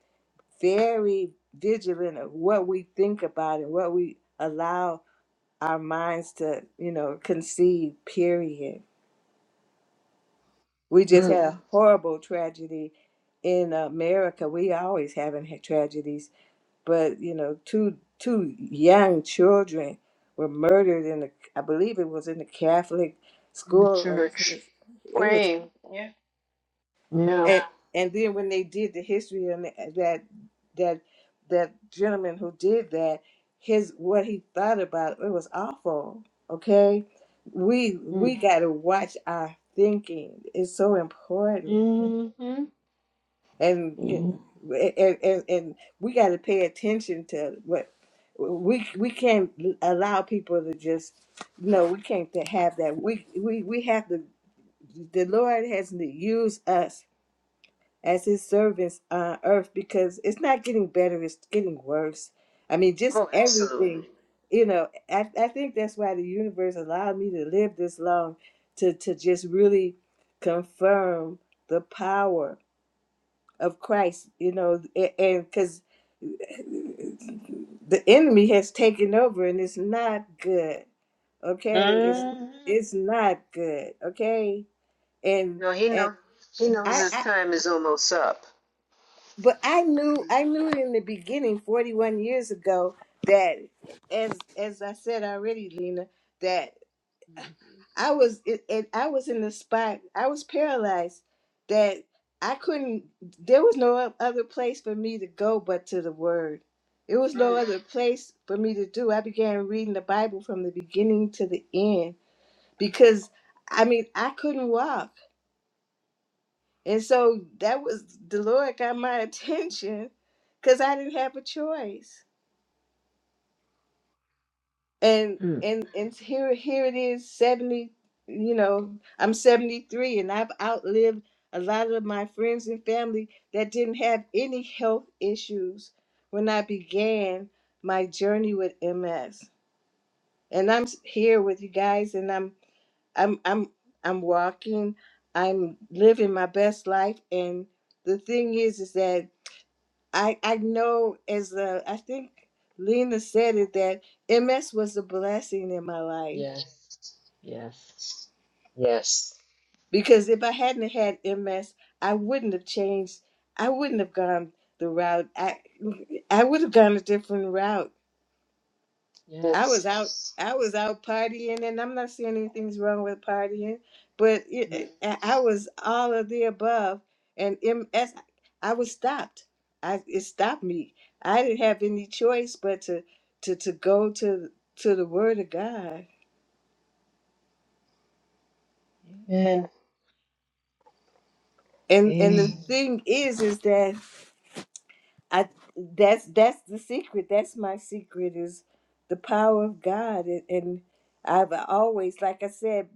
A: very vigilant of what we think about and what we allow our minds to, you know, conceive, period. We just
B: Move
A: had a horrible tragedy in America. We always having ha- tragedies but you know two two young children were murdered in the i believe it was in the catholic
B: in the
A: school uh,
B: church.
A: it was
B: Praying. Yeah. Yeah.
A: and, and then when they did the history and that that that gentleman who did that his what he thought about it was awful okay we
B: Mm.
A: we got to watch our thinking it's so important
B: Mm-hmm.
A: and you
B: Mm.
A: know, and, and and we got to pay attention to what we we can't allow people to just no we can't to have that we we we have to the lord has to use us as his servants on earth because it's not getting better it's getting worse i mean just
B: Oh,
A: everything
B: absolutely.
A: you know i, I think that's why the universe allowed me to live this long to to just really confirm the power of Christ, you know, a- and because the enemy has taken over and it's not good. Okay, it's Mhm.
B: Mm-hmm.
A: it's not good. Okay, and
B: No, he
A: and
B: know. He knows
A: I,
B: his
A: I
B: time is almost up.
A: but I knew I
B: Mhm.
A: knew in the beginning, forty one years ago, that as as I said already, Lena, that. I was it, it, I was in the spot. I was paralyzed that I couldn't. There was no other place for me to go but to the Word. There was no
B: Mm.
A: other place for me to do. I began reading the Bible from the beginning to the end because I mean I couldn't walk, and so that was the Lord got my attention because I didn't have a choice. and
B: Mm.
A: and and here here it is 70 you know i'm 73 and i've outlived a lot of my friends and family that didn't have any health issues when i began my journey with ms and i'm s- here with you guys and i'm i'm i'm i'm walking i'm living my best life and the thing is is that i i know as a, i think lena said it that ms was a blessing in my life
B: Yes. Yes. Yes.
A: because if I hadn't had MS, I wouldn't have changed. I wouldn't have gone the route. I I would have gone a different route. I was
B: Yes.
A: out. I was out partying, and I'm not saying anything's wrong with partying, but
B: Mm.
A: it, I I was all of the above, and MS. I was stopped. I it stopped me. I didn't have any choice but to to to go to to the Word of God.
B: Amen.
A: And and the
B: Amen.
A: Mm. thing is, is that I that's that's the secret. That's my secret is the power of God, and, and I've always, like I said,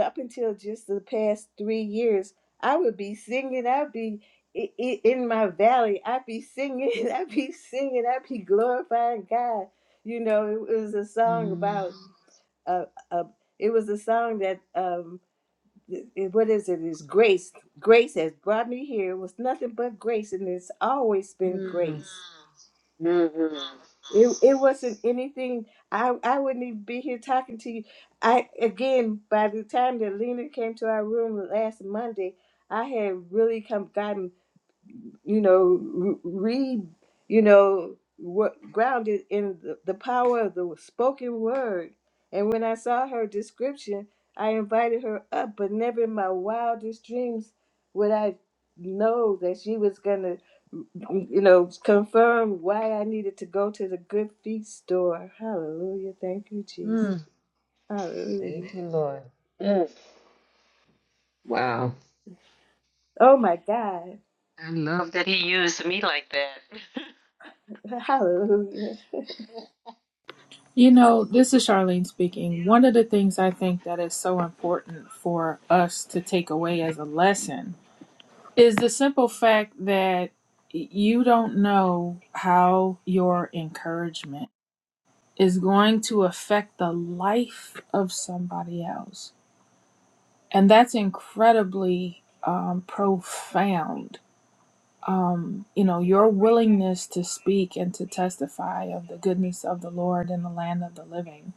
A: up until just the past three years, I would be singing. I'd be i- i- in my valley. I'd be singing. I'd be singing. I'd be glorifying God. You know, it was a song
B: Mhm.
A: about uh, uh, it was a song that um, what is it? It's grace. Grace has brought me here. It was nothing but grace, and it's always been
B: Mm.
A: grace.
B: Mm-hmm.
A: It, it wasn't anything. I I wouldn't even be here talking to you. I again, by the time that Lena came to our room last Monday, I had really come gotten. you know, r- read, you know, what grounded in the, the power of the spoken word. And when I saw her description, I invited her up, but never in my wildest dreams would I know that she was going to, you know, confirm why I needed to go to the good feet store. Hallelujah. Thank you, Jesus.
B: Mm.
A: Hallelujah.
B: Thank you, Lord. Mm. Wow.
A: Oh my God.
B: I love that he used me like that.
A: Hallelujah.
F: you know this is charlene speaking one of the things i think that is so important for us to take away as a lesson is the simple fact that you don't know how your encouragement is going to affect the life of somebody else. And that's incredibly um, profound. Um, you know, your willingness to speak and to testify of the goodness of the Lord in the land of the living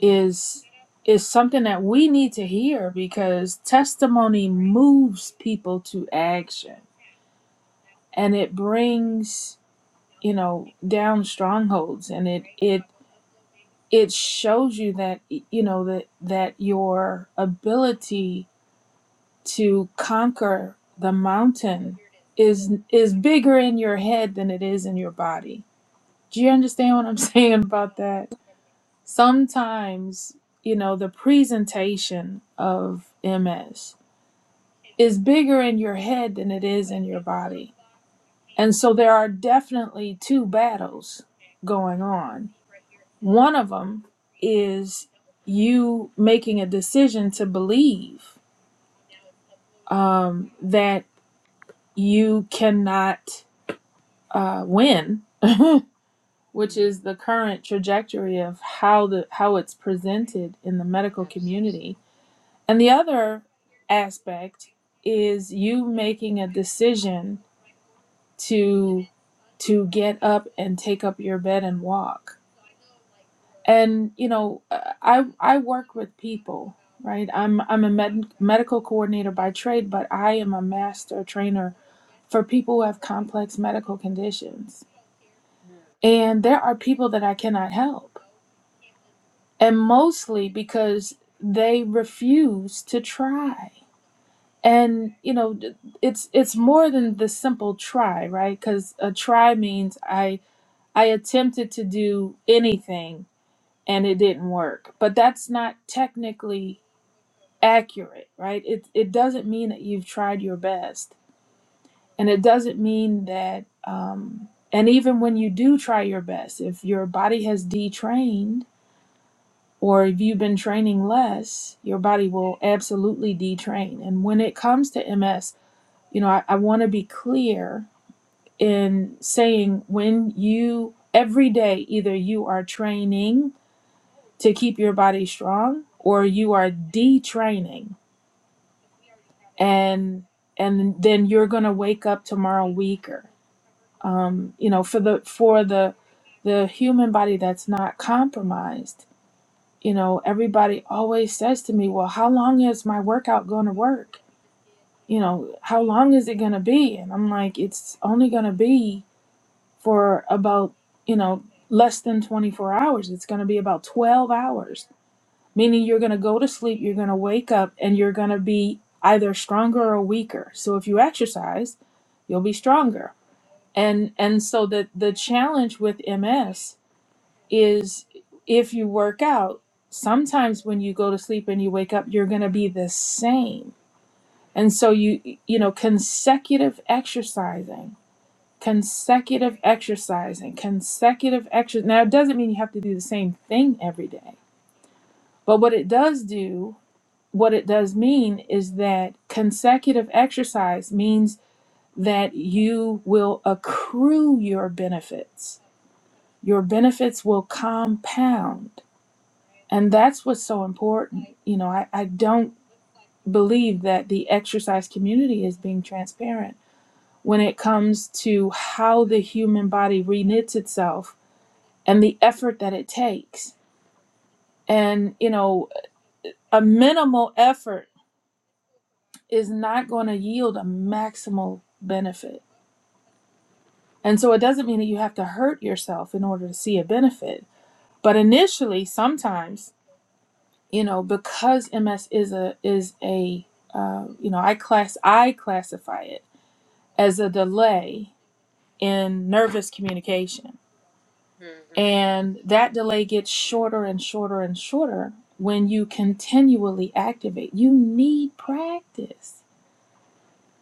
F: is is something that we need to hear because testimony moves people to action and it brings you know down strongholds and it it it shows you that you know that that your ability to conquer the mountain is is bigger in your head than it is in your body. Do you understand what I'm saying about that? Sometimes, you know, the presentation of MS is bigger in your head than it is in your body. And so there are definitely two battles going on One of them is you making a decision to believe um, that you cannot uh, win,
B: Mm,
F: which
B: mm,
F: is the current trajectory of how the how it's presented in the medical
B: Absolutely.
F: community. And the other aspect is you making a decision to to get up and take up your bed and walk and you know uh, i i work with people right i'm i'm a med- medical coordinator by trade but i am a master trainer for people who have complex medical conditions
B: Mm,
F: and there are people that i cannot help and mostly because they refuse to try and you know d- it's it's more than the simple try right because a try means i i attempted to do anything and it didn't work but that's not technically accurate, right? It it doesn't mean that you've tried your best, and it doesn't mean that. Um, and even when you do try your best, if your body has detrained or if you've been training less, your body will absolutely detrain. And when it comes to MS, you know, I, I want to be clear in saying when you every day either you are training to keep your body strong or you are detraining and and then you're going to wake up tomorrow weaker um you know for the for the the human body that's not compromised you know everybody always says to me well how long is my workout going to work you know how long is it going to be and i'm like it's only going to be for about you know less than 24 hours it's going to be about 12 hours meaning you're going to go to sleep, you're going to wake up, and you're going to be either stronger or weaker. So if you exercise, you'll be stronger. And and so the the challenge with MS is if you work out, sometimes when you go to sleep and you wake up, you're going to be the same. And so you you know consecutive exercising consecutive exercising consecutive exercise now it doesn't mean you have to do the same thing every day but what it does do what it does mean is that consecutive exercise means that you will accrue your benefits. Your benefits will compound. And that's what's so important. You know, I, I don't believe that the exercise community is being transparent when it comes to how the human body reknits itself and the effort that it takes. And, you know, a minimal effort is not going to yield a maximal benefit And so it doesn't mean that you have to hurt yourself in order to see a benefit. But initially, sometimes, you know, because MS is a is a uh, you know, I class I classify it as a delay in nervous communication,
B: mhm,
F: and that delay gets shorter and shorter and shorter when you continually activate. You need practice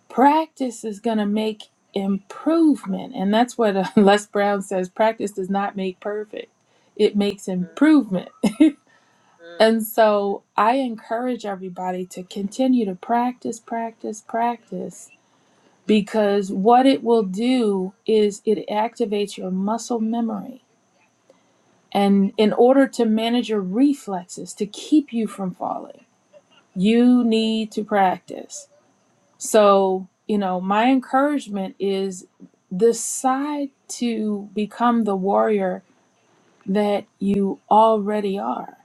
F: practice is going to make improvement and that's what uh, les brown says practice does not make perfect it makes
B: mm,
F: improvement and so i encourage everybody to continue to practice practice practice because what it will do is it activates your muscle memory and in order to manage your reflexes to keep you from falling you need to practice So, you know, my encouragement is decide to become the warrior that you already are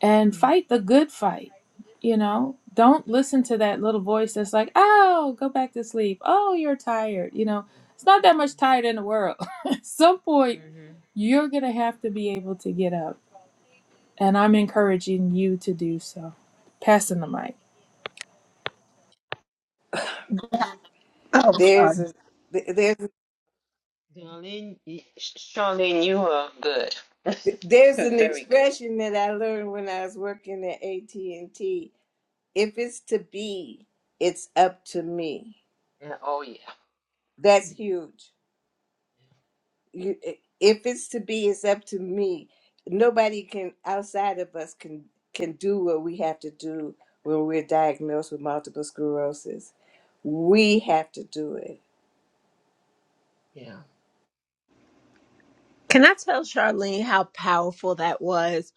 F: and fight the good fight. You know, don't listen to that little voice that's like, oh, go back to sleep. Oh, you're tired. You know,
B: mm,
F: it's not that much
B: mm,
F: tired in the world. At some
B: mm,
F: point,
B: mhm.
F: you're going to have to be able to get up. And I'm encouraging you to do so. Passing the mic.
A: There's a,
B: Darlene, y- Sh- Charlene, you are good.
A: Th- There's an
B: Very good.
A: expression that I learned when I was working at AT&T. If it's to be, it's up to me.
B: Yeah, oh, yeah.
A: That's huge. You, if it's to be, it's up to me. Nobody can outside of us can can do what we have to do when we're diagnosed with multiple sclerosis. We have to do it.
B: Yeah,
D: Can I tell Charlene how powerful that was?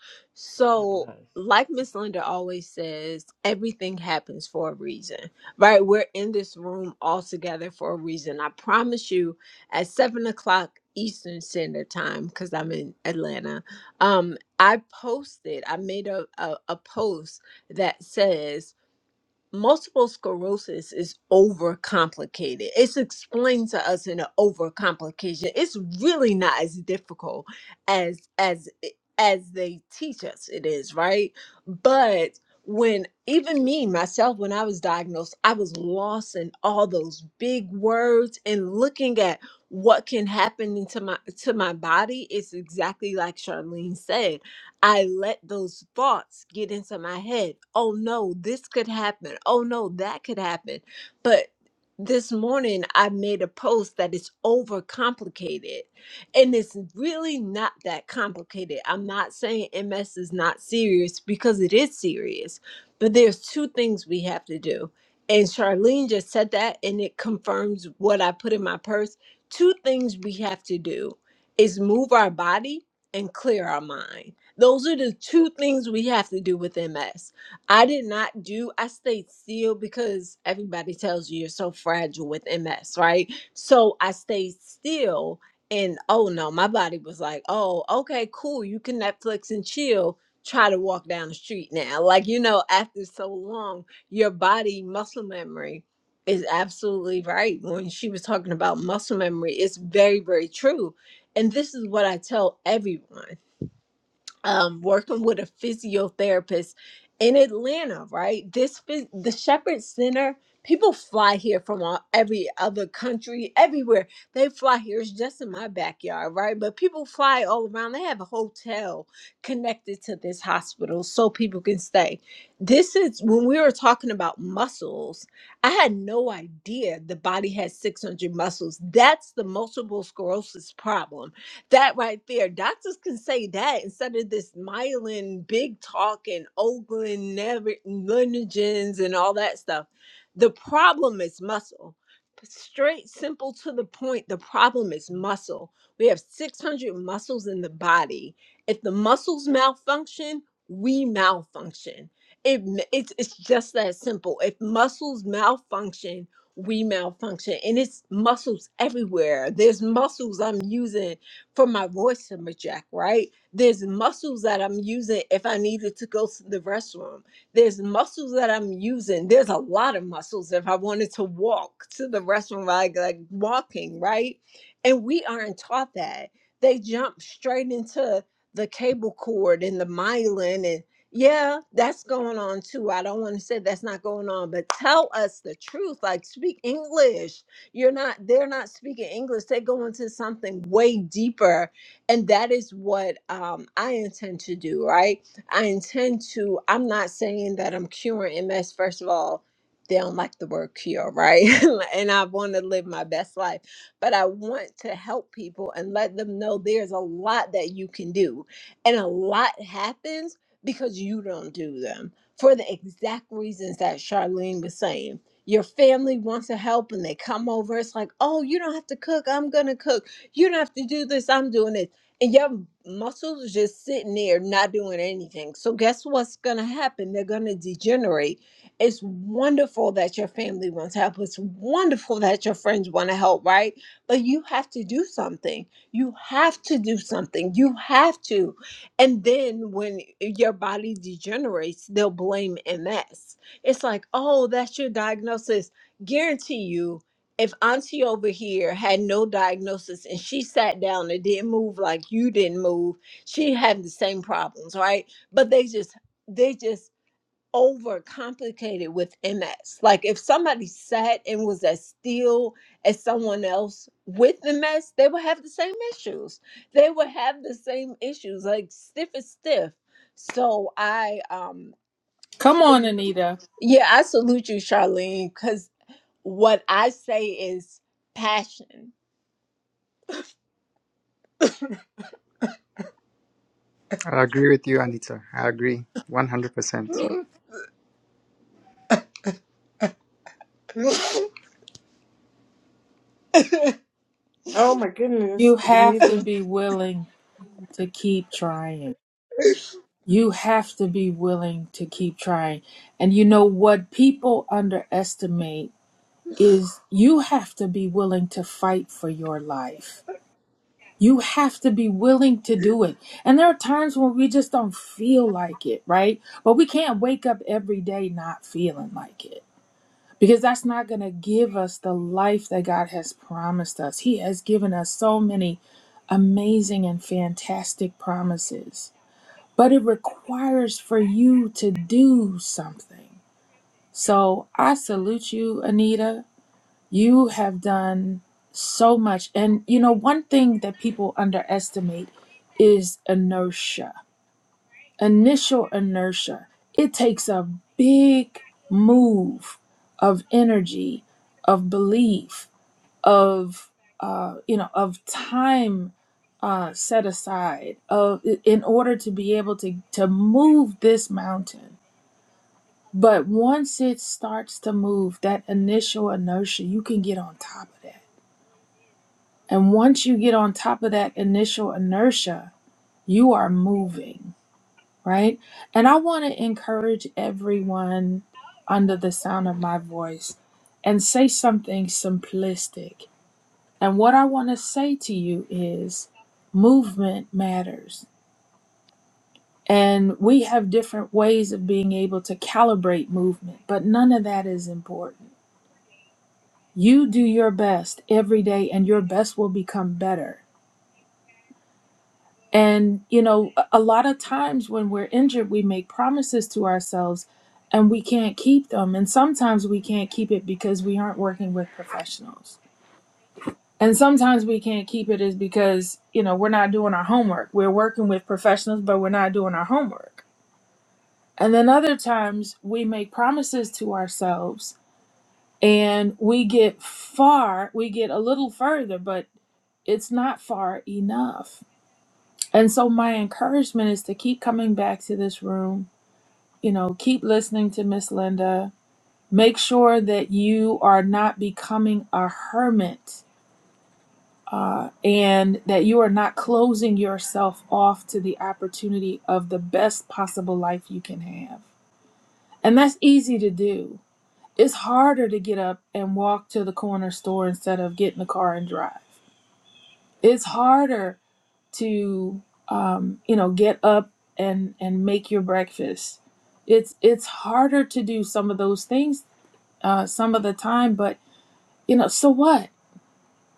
B: that
D: So,
B: was.
D: like Miss Linda always says, everything happens for a reason, right? We're in this room all together for a reason. I promise you, at seven o'clock Eastern Standard Time, because I'm in Atlanta, um, I posted, I made a, a, a post that says, multiple sclerosis is overcomplicated. It's explained to us in an overcomplication. It's really not as difficult as as as they teach us it is, right? But when even me myself when I was diagnosed, I was lost in all those big words and looking at what can happen into my to my body It's exactly like Charlene said I let those thoughts get into my head. Oh no, this could happen. Oh no, that could happen. But this morning I made a post that is overcomplicated and it's really not that complicated. I'm not saying MS is not serious because it is serious, but there's two things we have to do. And Charlene just said that and it confirms what I put in my purse. Two things we have to do is move our body and clear our mind those are the two things we have to do with MS. I did not do, I stayed still because everybody tells you you're so fragile with MS, right? So I stayed still and oh no, my body was like, oh, okay, cool. You can Netflix and chill. Try to walk down the street now. Like, you know, after so long, your body muscle memory is absolutely right. When she was talking about muscle memory, it's very, very true. And this is what I tell everyone um, working with a physiotherapist in Atlanta, right? This phys- the Shepherd Center. People fly here from all, every other country, everywhere. They fly here. It's just in my backyard, right? But people fly all around. They have a hotel connected to this hospital so people can stay. This is when we were talking about muscles. I had no idea the body has 600 muscles. That's the multiple sclerosis problem that right there. Doctors can say that instead of this myelin big talk and Oakland never lineages and all that stuff. The problem is muscle. Straight, simple to the point. The problem is muscle. We have 600 muscles in the body. If the muscles malfunction, we malfunction. It, m- it's, it's just that simple. If muscles malfunction, we malfunction. And it's muscles everywhere. There's muscles I'm using for my voice to project, right? There's muscles that I'm using if I needed to go to the restroom. There's muscles that I'm using. There's a lot of muscles if I wanted to walk to the restroom, like, like walking, right? And we aren't taught that. They jump straight into the cable cord and the myelin and yeah, that's going on too. I don't want to say that's not going on, but tell us the truth. Like, speak English you're not, they're not speaking English. They go into something way deeper. And that is what um, I intend to do, right? I intend to, I'm not saying that I'm curing MS, first of all. They don't like the word cure, right? and I want to live my best life, but I want to help people and let them know there's a lot that you can do. And a lot happens because you don't do them for the exact reasons that Charlene was saying your family wants to help and they come over. It's like, oh, you don't have to cook. I'm going to cook. You don't have to do this. I'm doing it. And your muscles are just sitting there not doing anything. So, guess what's going to happen? They're going to degenerate. It's wonderful that your family wants help. It's wonderful that your friends want to help, right? But you have to do something. You have to do something. You have to. And then when your body degenerates, they'll blame MS it's like, oh, that's your diagnosis. Guarantee you, if Auntie over here had no diagnosis and she sat down and didn't move like you didn't move, she had the same problems, right? But they just they just overcomplicated with MS. Like if somebody sat and was as still as someone else with MS, they would have the same issues. They would have the same issues, like stiff as stiff. So I um
F: Come on,
D: so
F: Anita.
D: yeah, I salute you, Charlene, because what I say is passion.
C: I agree with you, Anita. I agree 100%.
A: Oh my
F: You
A: goodness,
F: have to
A: Anita.
F: be willing to keep trying. You have to be willing to keep trying. And you know what people underestimate is you have to be willing to fight for your life. You have to be willing to do it. And there are times when we just don't feel like it, right? But we can't wake up every day not feeling like it because that's not going to give us the life that God has promised us. He has given us so many amazing and fantastic promises but it requires for you to do something. So I salute you, Anita. You have done so much. And you know, one thing that people underestimate is inertia, initial inertia. It takes a big move of energy, of belief, of uh, you know of time uh, set aside of in order to be able to to move this mountain. But once it starts to move, that initial inertia, you can get on top of that. And once you get on top of that initial inertia, you are moving, right? And I want to encourage everyone under the sound of my voice and say something simplistic And what I want to say to you is movement matters. And we have different ways of being able to calibrate movement, but none of that is important. You do your best every day, and your best will become better. And, you know, a a lot of times when we're injured, we make promises to ourselves and we can't keep them. And sometimes we can't keep it because we aren't working with professionals. And sometimes we can't keep it is because, you know, we're not doing our homework. We're working with professionals, but we're not doing our homework. And then other times we make promises to ourselves and we get far, we get a little further, but it's not far enough. And so my encouragement is to keep coming back to this room, you know, keep listening to Miss Linda. Make sure that you are not becoming a hermit uh, and that you are not closing yourself off to the opportunity of the best possible life you can have. And that's easy to do. It's harder to get up and walk to the corner store instead of get in the car and drive. It's harder to, um, you know, get up and and make your breakfast. It's it's harder to do some of those things uh, some of the time, but you know, so what?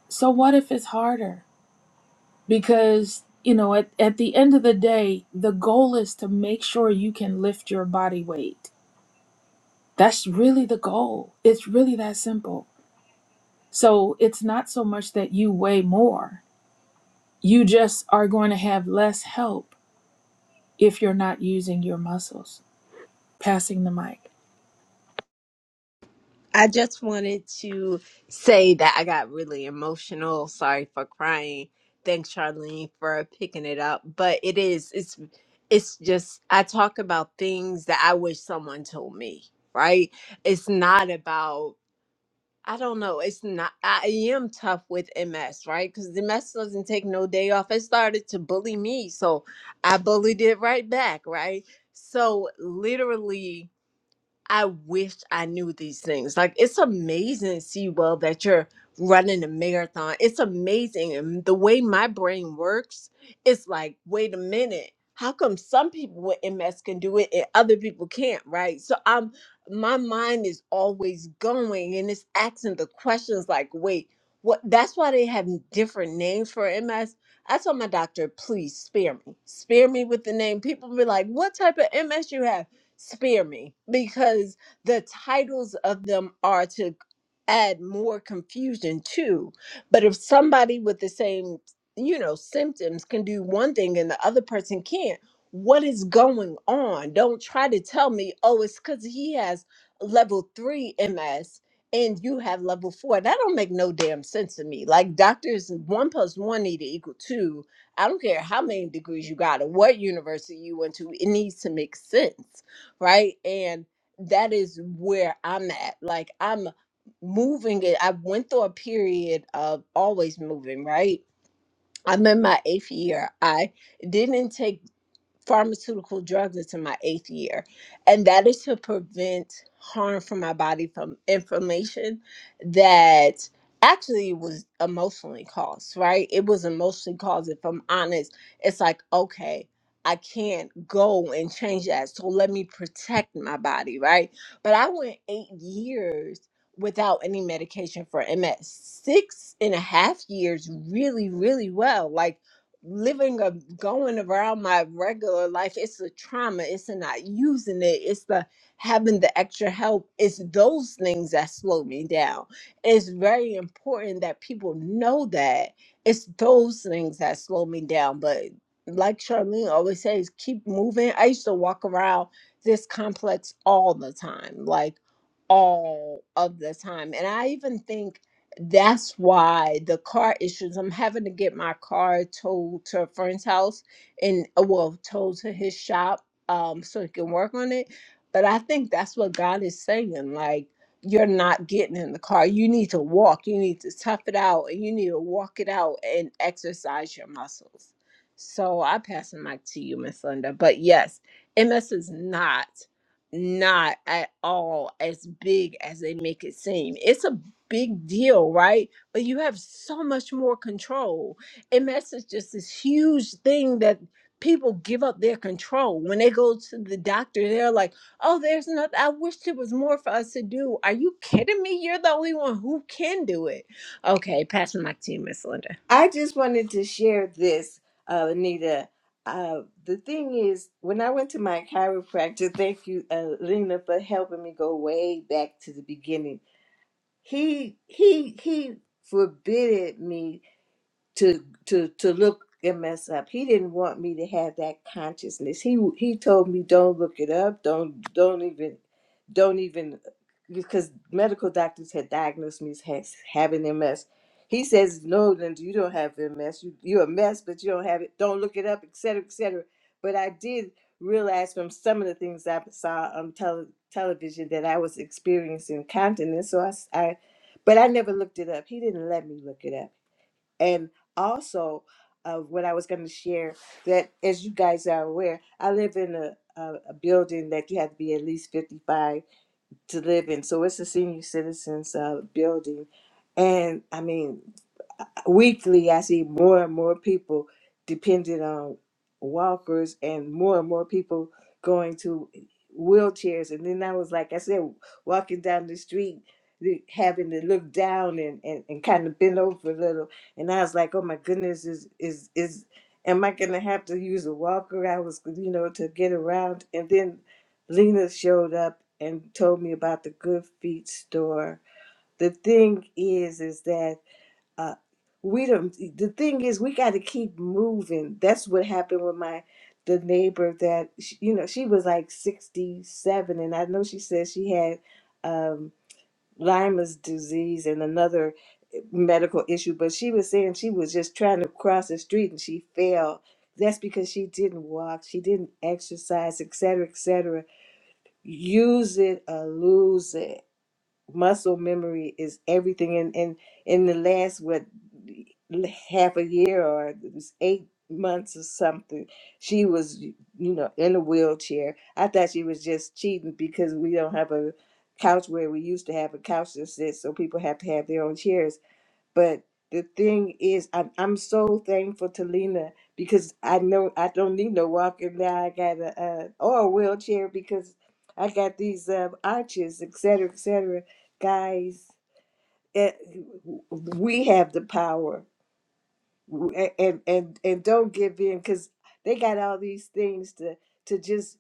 F: So what if it's harder? because you know at, at the end of the day the goal is to make sure you can lift your body weight that's really the goal it's really that simple so it's not so much that you weigh more you just are going to have less help if you're not using your muscles passing the mic
D: I just wanted to say that I got really emotional. Sorry for crying. Thanks, Charlene, for picking it up. But it is, it's, it's just, I talk about things that I wish someone told me, right? It's not about I don't know. It's not. I am tough with MS, right? Because the MS doesn't take no day off. It started to bully me, so I bullied it right back, right? So literally. I wish I knew these things. Like it's amazing, Sewell, that you're running a marathon. It's amazing. And the way my brain works, it's like, wait a minute. How come some people with MS can do it and other people can't, right? So I'm my mind is always going and it's asking the questions like, wait, what that's why they have different names for MS. I told my doctor, please spare me. Spare me with the name. People be like, what type of MS you have? spare me because the titles of them are to add more confusion too but if somebody with the same you know symptoms can do one thing and the other person can't what is going on don't try to tell me oh it's because he has level three ms and you have level four that don't make no damn sense to me like doctors one plus one need to equal two i don't care how many degrees you got or what university you went to it needs to make sense right? And that is where I'm at. Like I'm moving it. I went through a period of always moving, right? I'm in my eighth year. I didn't take pharmaceutical drugs It's in my eighth year, and that is to prevent harm from my body from inflammation that actually was emotionally caused, right? It was emotionally caused. If I'm honest, it's like, okay, I can't go and change that. So let me protect my body, right? But I went eight years without any medication for MS, six and a half years really, really well. Like living a going around my regular life it's a trauma it's a not using it it's the having the extra help it's those things that slow me down it's very important that people know that it's those things that slow me down but like charlene always says keep moving i used to walk around this complex all the time like all of the time and i even think that's why the car issues. I'm having to get my car towed to a friend's house and uh, well, towed to his shop um so he can work on it. But I think that's what God is saying. Like you're not getting in the car. You need to walk. You need to tough it out and you need to walk it out and exercise your muscles. So I pass the mic to you, Miss Linda. But yes, MS is not not at all as big as they make it seem. It's a big deal, right? But you have so much more control. And that's is just this huge thing that people give up their control. When they go to the doctor, they're like, oh, there's nothing. I wish there was more for us to do. Are you kidding me? You're the only one who can do it. Okay, passing my team, Miss Linda.
A: I just wanted to share this, uh, Anita. Uh, the thing is, when I went to my chiropractor, thank you, uh, Lena, for helping me go way back to the beginning. He he he forbidded me to to to look and mess up. He didn't want me to have that consciousness. He he told me don't look it up. Don't don't even don't even because medical doctors had diagnosed me as having MS. He says no, Linda, you don't have MS. You you're a mess, but you don't have it. Don't look it up, et cetera, et cetera. But I did realize from some of the things I saw on tele, television that I was experiencing continence. So I, s- I, but I never looked it up. He didn't let me look it up and also, uh, what I was going to share that, as you guys are aware, I live in a, a, a building that you have to be at least 55 to live in. So it's a senior citizens uh, building. And I mean, weekly i see more and more people dependent on walkers and more and more people going to wheelchairs and then i was like i said walking down the street the- having to look down and, and, and kind of bend over a little and i was like oh my goodness is is is am i gonna have to use a walker i was you know to get around and then lena showed up and told me about the good feet store the thing is is that uh, we don't the thing is we got to keep moving that's what happened with my the neighbor that sh you know she was like 67 and i know she said she had um Lyme's disease and another medical issue, but she was saying she was just trying to cross the street and she fell. That's because she didn't walk, she didn't exercise, et cetera, et cetera. Use it or lose it muscle memory is everything and in, in, in the last what half a year or it was eight months or something she was you know in a wheelchair i thought she was just cheating because we don't have a couch where we used to have a couch to sit so people have to have their own chairs but the thing is, I'm, I'm so thankful to Lena because I know I don't need no walker now. I got a uh, or a wheelchair because I got these uh, arches, et cetera, et cetera. Guys, eh, we have the power, A- and and and don't give in because they got all these things to to just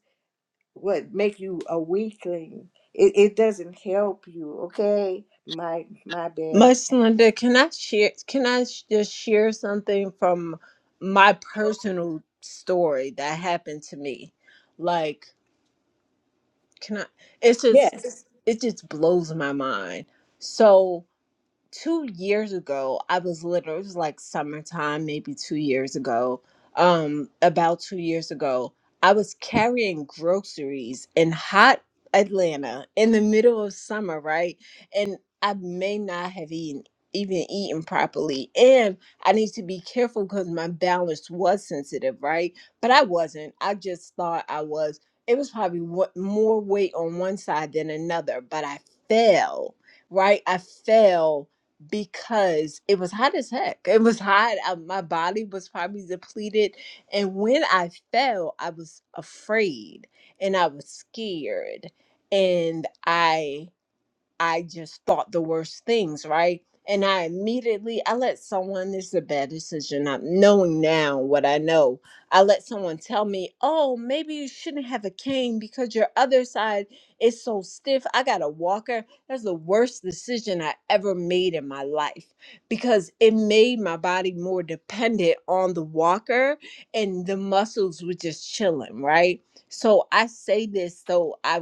A: what make you a weakling. It it doesn't help you. Okay, my my bad.
D: Miss Linda, can I share? Can I sh- just share something from my personal story that happened to me? Like Can I? It's just it just blows my mind. So two years ago, I was literally, it was like summertime, maybe two years ago, um, about two years ago, I was carrying groceries in hot Atlanta in the middle of summer, right? And I may not have eaten even eaten properly and i need to be careful because my balance was sensitive right but i wasn't i just thought i was it was probably what more weight on one side than another but i fell right i fell because it was hot as heck. It was hot. I, my body was probably depleted. And when I fell, I was afraid and I was scared. And I I just thought the worst things, right? And I immediately I let someone this is a bad decision. Not knowing now what I know. I let someone tell me, oh, maybe you shouldn't have a cane because your other side is so stiff. I got a walker. That's the worst decision I ever made in my life because it made my body more dependent on the walker and the muscles were just chilling, right? So I say this so I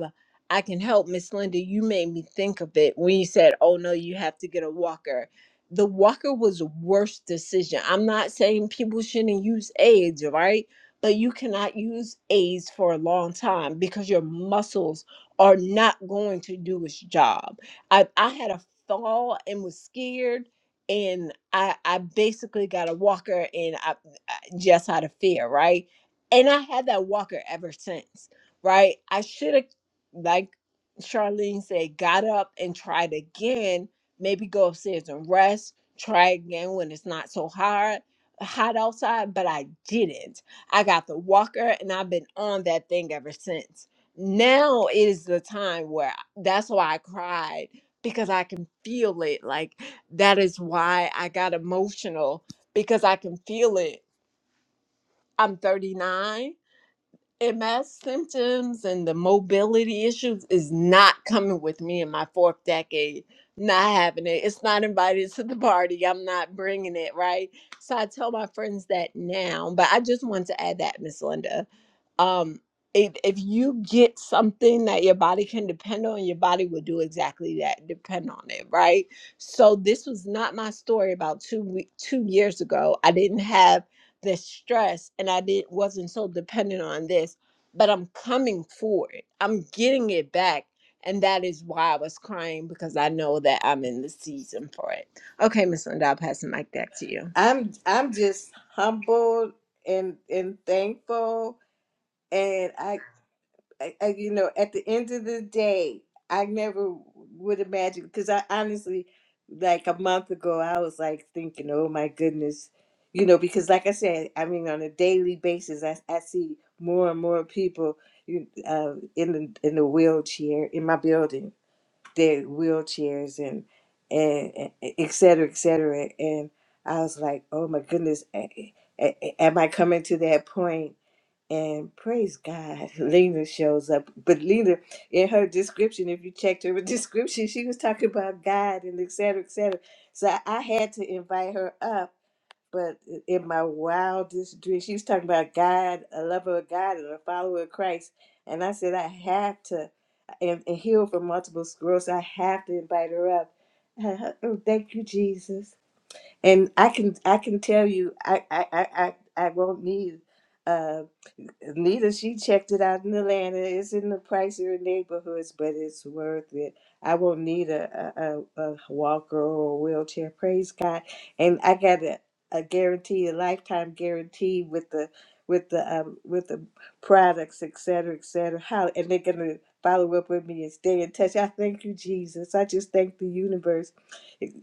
D: I can help Miss Linda. You made me think of it when you said, Oh no, you have to get a walker. The walker was a worst decision. I'm not saying people shouldn't use AIDS, right? But you cannot use AIDS for a long time because your muscles are not going to do its job. I, I had a fall and was scared and I I basically got a walker and I, I just out of fear, right? And I had that walker ever since right? I should have like Charlene said, got up and tried again. Maybe go upstairs and rest. Try again when it's not so hard hot outside, but I didn't. I got the walker and I've been on that thing ever since. Now is the time where I- that's why I cried because I can feel it. Like that is why I got emotional because I can feel it. I'm 39 MS symptoms and the mobility issues is not coming with me in my fourth decade. Not having it. It's not invited to the party. I'm not bringing it, right? So I tell my friends that now, but I just want to add that, Miss Linda. Um, if, if you get something that your body can depend on, your body will do exactly that, depend on it, right? So this was not my story about two, we- two years ago. I didn't have this stress and I didn't wasn't so dependent on this, but I'm coming for it. I'm getting it back. And that is why I was crying because I know that I'm in the season for it. Okay, Miss Linda, I'll pass the mic back to you.
A: I'm I'm just humbled and and thankful, and I, I, I you know at the end of the day, I never would imagine because I honestly, like a month ago, I was like thinking, oh my goodness, you know, because like I said, I mean on a daily basis, I I see more and more people you uh, in the in the wheelchair in my building their wheelchairs and and, and e, et cetera, et cetera. And I was like, oh my goodness, a- a- a- am I coming to that point? And praise God, Lena shows up. But Lena, in her description, if you checked her description, she was talking about God and et cetera, et cetera. So I had to invite her up but in my wildest dreams, she was talking about God, a lover of God, and a follower of Christ. And I said, I have to, and, and heal from multiple sclerosis. I have to invite her up. Oh, thank you, Jesus. And I can, I can tell you, I, I, I, I I won't need. uh, Lita, she checked it out in Atlanta. It's in the pricier neighborhoods, but it's worth it. I won't need a, a, a a walker or a wheelchair. Praise God! And I got a, a guarantee, a lifetime guarantee with the with the um, with the products, et cetera, et cetera. How and they're gonna follow up with me and stay in touch. I thank you, Jesus. I just thank the universe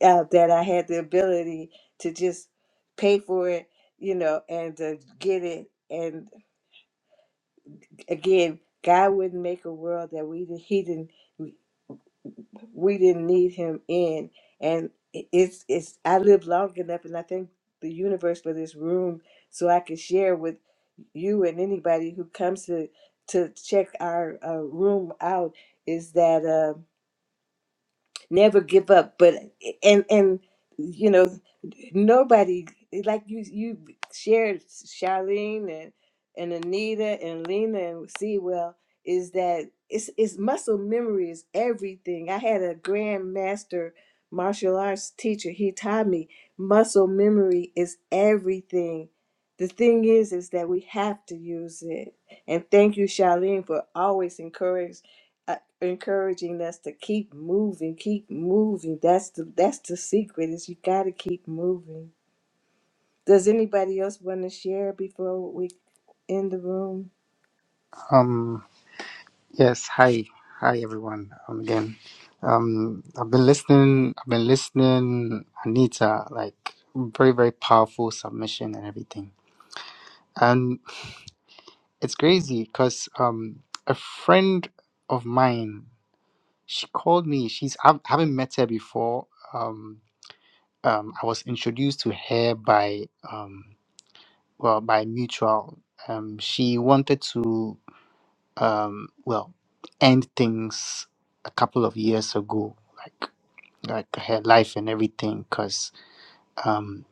A: uh, that I had the ability to just pay for it, you know, and to get it. and. Again, God wouldn't make a world that we didn't- he didn't we didn't need him in. And it- it's it's I lived long enough, and I thank the universe for this room, so I can share with you and anybody who comes to to check our uh, room out. Is that uh, never give up but and and you know nobody like you you shared Charlene and and Anita and Lena and Sewell is that it's it's muscle memory is everything. I had a grandmaster martial arts teacher. He taught me muscle memory is everything. The thing is is that we have to use it. And thank you Charlene for always encouraging uh, encouraging us to keep moving, keep moving. That's the that's the secret is you got to keep moving. Does anybody else want to share before we end the room?
C: Um, yes, hi. Hi, everyone. Um, again, um, I've been listening, I've been listening, Anita, like very, very powerful submission and everything. And it's crazy because um, a friend of mine, she called me. She's, I haven't met her before. Um, um, I was introduced to her by, um, well, mutual. um, she wanted to. um well ends a couple like like because um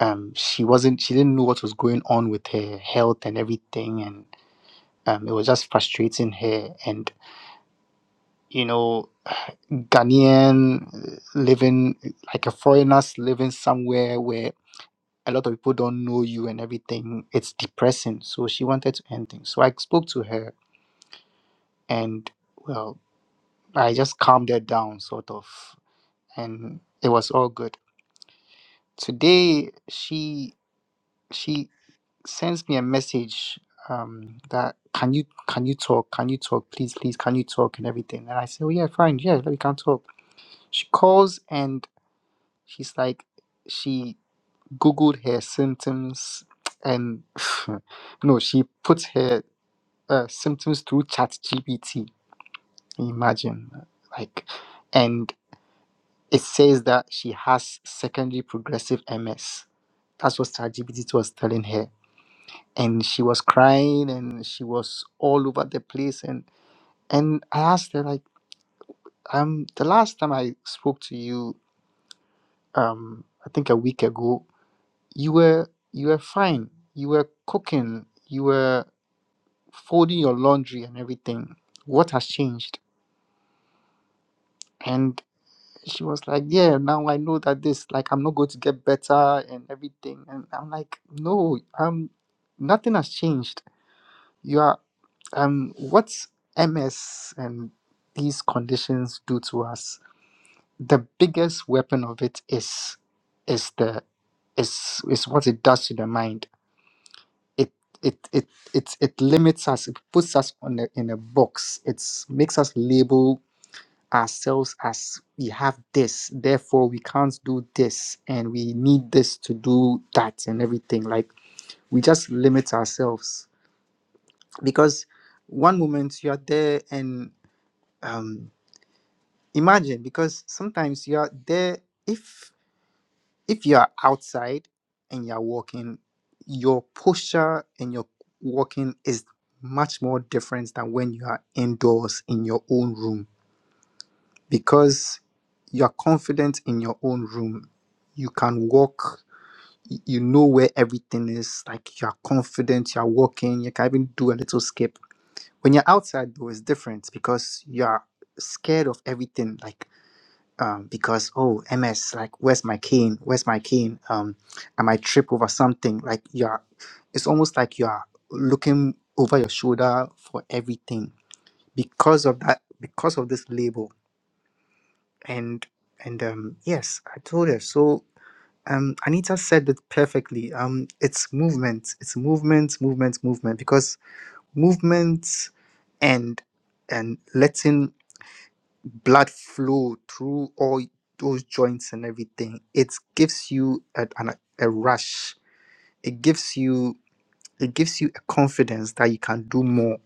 C: um she wasn't was grown with and everything and um it was just fair and you know Ghanaian uh, living like a foreigners living somewhere where a lot of people don't know you and everything it's depressing so she wanted to end things so I spoke to her and well I just calmed her down sort of and it was all good today she she sends me a message um, that can you can you talk? Can you talk? Please, please, can you talk and everything? And I say, oh yeah, fine, yeah, we can talk. She calls and she's like, she googled her symptoms and no, she put her uh, symptoms through Chat GPT. Imagine, like, and it says that she has secondary progressive MS. That's what ChatGPT was telling her and she was crying and she was all over the place and and i asked her like um the last time i spoke to you um i think a week ago you were you were fine you were cooking you were folding your laundry and everything what has changed and she was like yeah now i know that this like i'm not going to get better and everything and i'm like no um nothing has changed Yeah. Um, what's MS and these conditions do to us? The biggest weapon of it is is the is is what it does to the mind. It it it it it limits us. It puts us on a, in a box. It makes us label ourselves as we have this, therefore we can't do this, and we need this to do that and everything. Like we just limit ourselves because one moment you are there and um, imagine because sometimes you are there if if you are outside and you are walking your posture and your walking is much more different than when you are indoors in your own room because you are confident in your own room you can walk y- you know where everything is like you are confident you are walking you can even do a little skip when you're outside though it's different because you're scared of everything like um because oh ms like where's my cane where's my cane um i might trip over something like you're it's almost like you're looking over your shoulder for everything because of that because of this label and and um yes i told her so um anita said it perfectly um it's movement it's movement movement movement because movement and and letting blood flow through all those joints and everything it gives you a, an, a rush it gives you it gives you a confidence that you can do more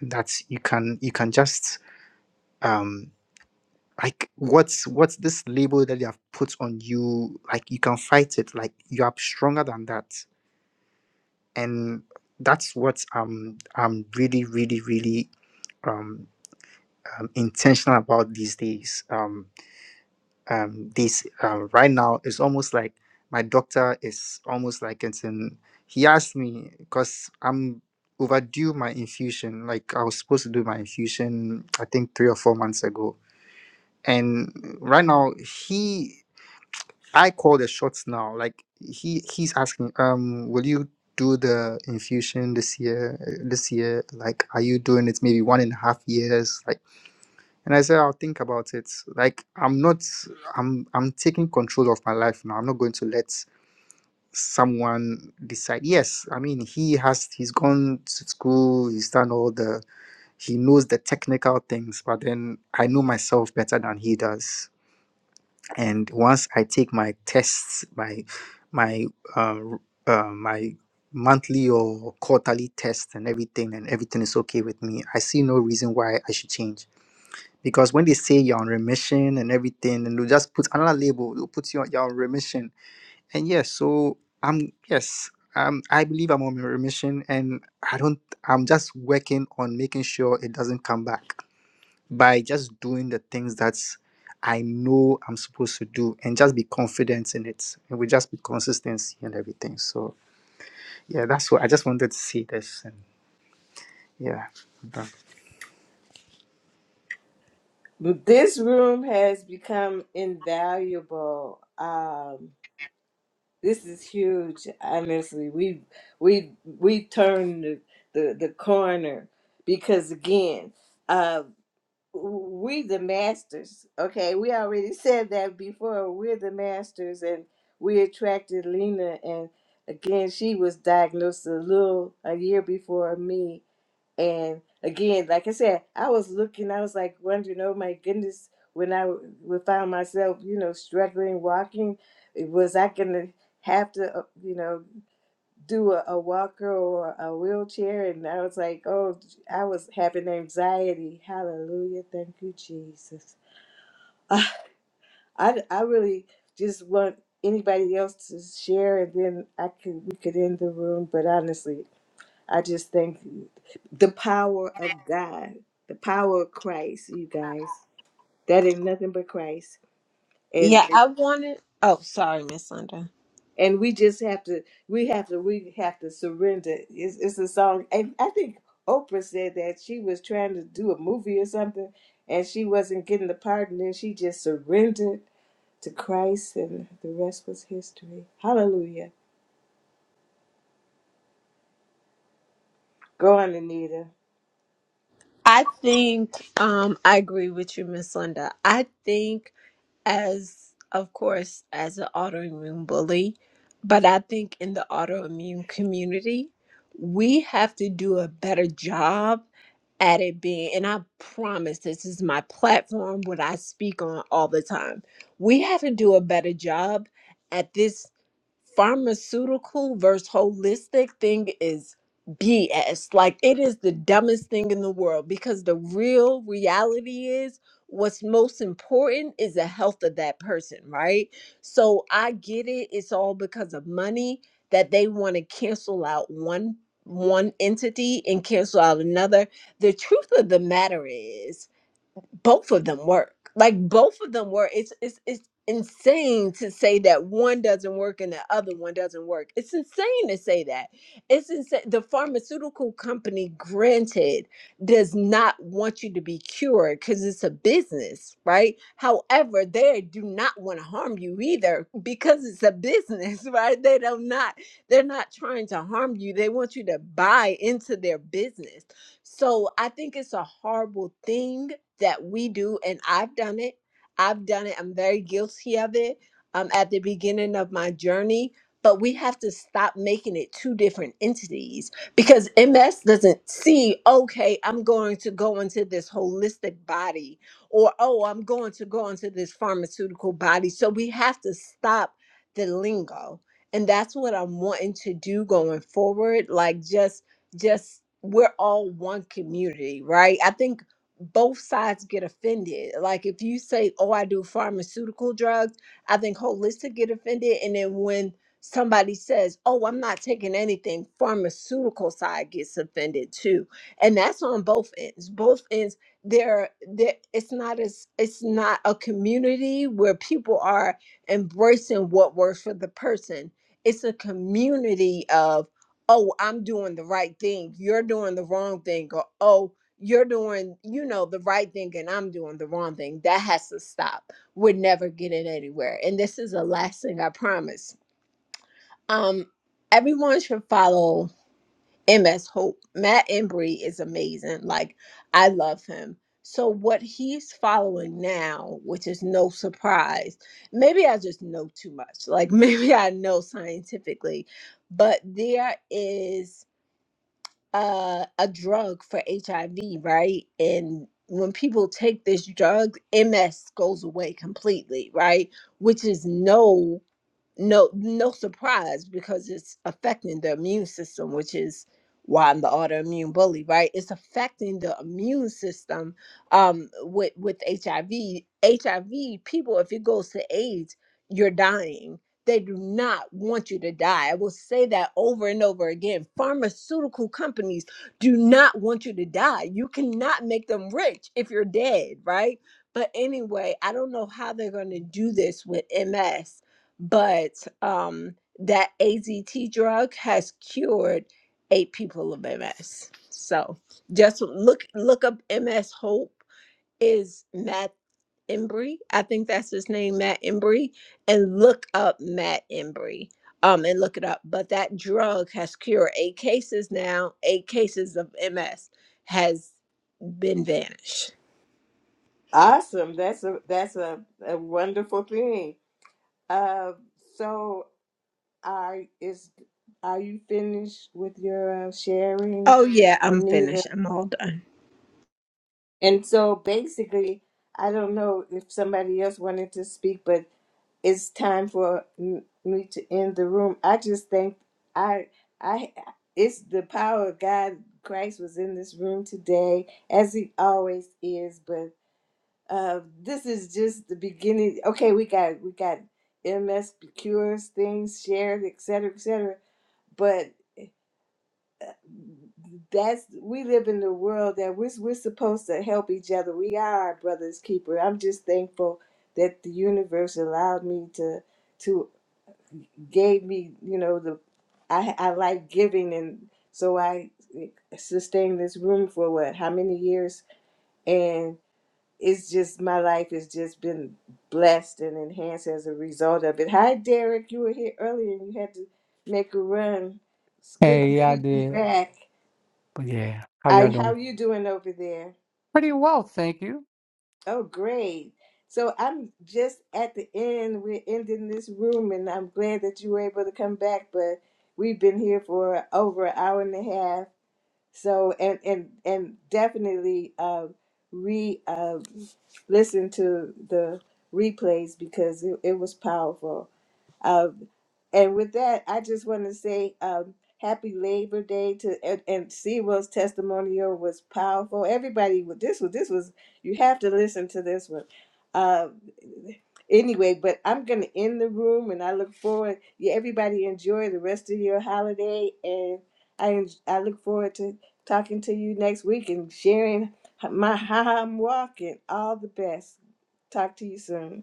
C: and that you can you can just um like what's what's this label that they have put on you like you can fight it like you are stronger than that and that's what um i'm really really really um, um intentional about these days um. um, these um, right now it's almost like my doctor is almost like it's in he asked me because i'm overdue my infusion like i was supposed to do my infusion i think three or four months ago and right now he i call the shots now like he he's asking um will you do the infusion this year uh, this year like are you doing it maybe one and a half years like and I said, I'll think about it. Like I'm not I'm I'm taking control of my life now. I'm not going to let someone decide. Yes, I mean he has he's gone to school, he's done all the he knows the technical things, but then I know myself better than he does. And once I take my tests, my my uh, uh, my monthly or quarterly test and everything and everything is okay with me, I see no reason why I should change because when they say you're on remission and everything, and they'll just put another label, they'll put you on you're on remission. And yes, so I'm yes, um I believe I'm on remission and I don't I'm just working on making sure it doesn't come back by just doing the things that I know I'm supposed to do and just be confident in it. And we just be consistency and everything. So yeah, that's what I just wanted to say this and yeah.
A: But This room has become invaluable. Um, this is huge. Honestly, we we we turned the, the the corner because again, uh, we the masters. Okay, we already said that before. We're the masters, and we attracted Lena. And again, she was diagnosed a little a year before me. And again, like I said, I was looking. I was like wondering, oh my goodness, when I w- would found myself, you know, struggling walking, was I gonna have to, uh, you know? do a, a walker or a wheelchair. And I was like, oh, I was having anxiety. Hallelujah. Thank you, Jesus. I, I I really just want anybody else to share and then I could we could end the room. But honestly, I just think the power of God, the power of Christ, you guys. That ain't nothing but Christ. and.
D: Yeah, I wanted oh sorry, Miss Linda.
A: and we just have to we have to we have to surrender it's, it's a song and i think oprah said that she was trying to do a movie or something and she wasn't getting the part and then she just surrendered to christ and the rest was history hallelujah go on anita
D: I think um I agree with you, Miss Linda. I think as of course as an autoimmune bully but i think in the autoimmune community we have to do a better job at it being and i promise this is my platform what i speak on all the time we have to do a better job at this pharmaceutical versus holistic thing is BS. Like it is the dumbest thing in the world because the real reality is what's most important is the health of that person, right? So I get it. It's all because of money that they want to cancel out one one entity and cancel out another. The truth of the matter is both of them work. Like both of them work. It's it's it's insane to say that one doesn't work and the other one doesn't work. It's insane to say that. It's insane. The pharmaceutical company, granted, does not want you to be cured because it's a business, right? However, they do not want to harm you either because it's a business, right? They don't not they're not trying to harm you. They want you to buy into their business so I think it's a horrible thing that we do, and I've done it. I've done it. I'm very guilty of it um, at the beginning of my journey. But we have to stop making it two different entities because MS doesn't see, okay, I'm going to go into this holistic body, or oh, I'm going to go into this pharmaceutical body. So we have to stop the lingo. And that's what I'm wanting to do going forward. Like, just just we're all one community, right? I think both sides get offended. Like if you say, "Oh, I do pharmaceutical drugs," I think holistic get offended, and then when somebody says, "Oh, I'm not taking anything," pharmaceutical side gets offended too, and that's on both ends. Both ends. There, there. It's not as it's not a community where people are embracing what works for the person. It's a community of oh, I'm doing the right thing, you're doing the wrong thing, or oh, you're doing, you know, the right thing and I'm doing the wrong thing. That has to stop. We're never getting anywhere. And this is the last thing I promise. Um, everyone should follow MS Hope. Matt Embry is amazing. Like, I love him. So what he's following now, which is no surprise, maybe I just know too much. Like maybe I know scientifically, but there is uh, a drug for HIV, right? And when people take this drug, MS goes away completely, right? Which is no no no surprise because it's affecting the immune system which is why i'm the autoimmune bully right it's affecting the immune system um with with hiv hiv people if it goes to aids you're dying they do not want you to die i will say that over and over again pharmaceutical companies do not want you to die you cannot make them rich if you're dead right but anyway i don't know how they're going to do this with ms but um, that AZT drug has cured eight people of MS. So just look look up MS Hope is Matt Embry. I think that's his name, Matt Embry, and look up Matt Embry. Um, and look it up. But that drug has cured eight cases now. Eight cases of MS has been vanished.
A: awesome that's a that's a, a wonderful thing uh so are is are you finished with your uh, sharing
D: Oh yeah, I'm
A: anita
D: finished. I'm all done.
A: And so basically, I don't know if somebody else wanted to speak, but it's time for m- me to end the room. I just think I I it's the power of God. Christ was in this room today, as he always is. But uh, this is just the beginning. Okay, we got we got MS cures things shared, et cetera, et cetera that's we live in the world that we're, we're supposed to help each other we are our brother's keeper i'm just thankful that the universe allowed me to to gave me you know the i i like giving and so i sustained this room for what how many years and it's just my life has just been blessed and enhanced as a result of it hi derek you were here earlier and you had to make a run it's good to
G: Hey, yeah, I
A: see you
G: did.
A: back
G: But yeah, how
A: I,
G: y'all
A: how
G: doing?
A: are you doing over there?
G: Pretty well, thank you.
A: Oh, great. So I'm just at the end. We're ending this room, and I'm glad that you were able to come back. But we've been here for over an hour and a half. So and and and definitely uh, re uh, listen to the replays because it, it was powerful. Uh, and with that, I just want to say um, happy Labor Day to and, and Sewell's testimonial was powerful. Everybody, with this was this was you have to listen to this one. Uh, anyway, but I'm gonna end the room, and I look forward. Yeah, everybody enjoy the rest of your holiday, and I en- I look forward to talking to you next week and sharing my how I'm walking. All the best. Talk to you soon.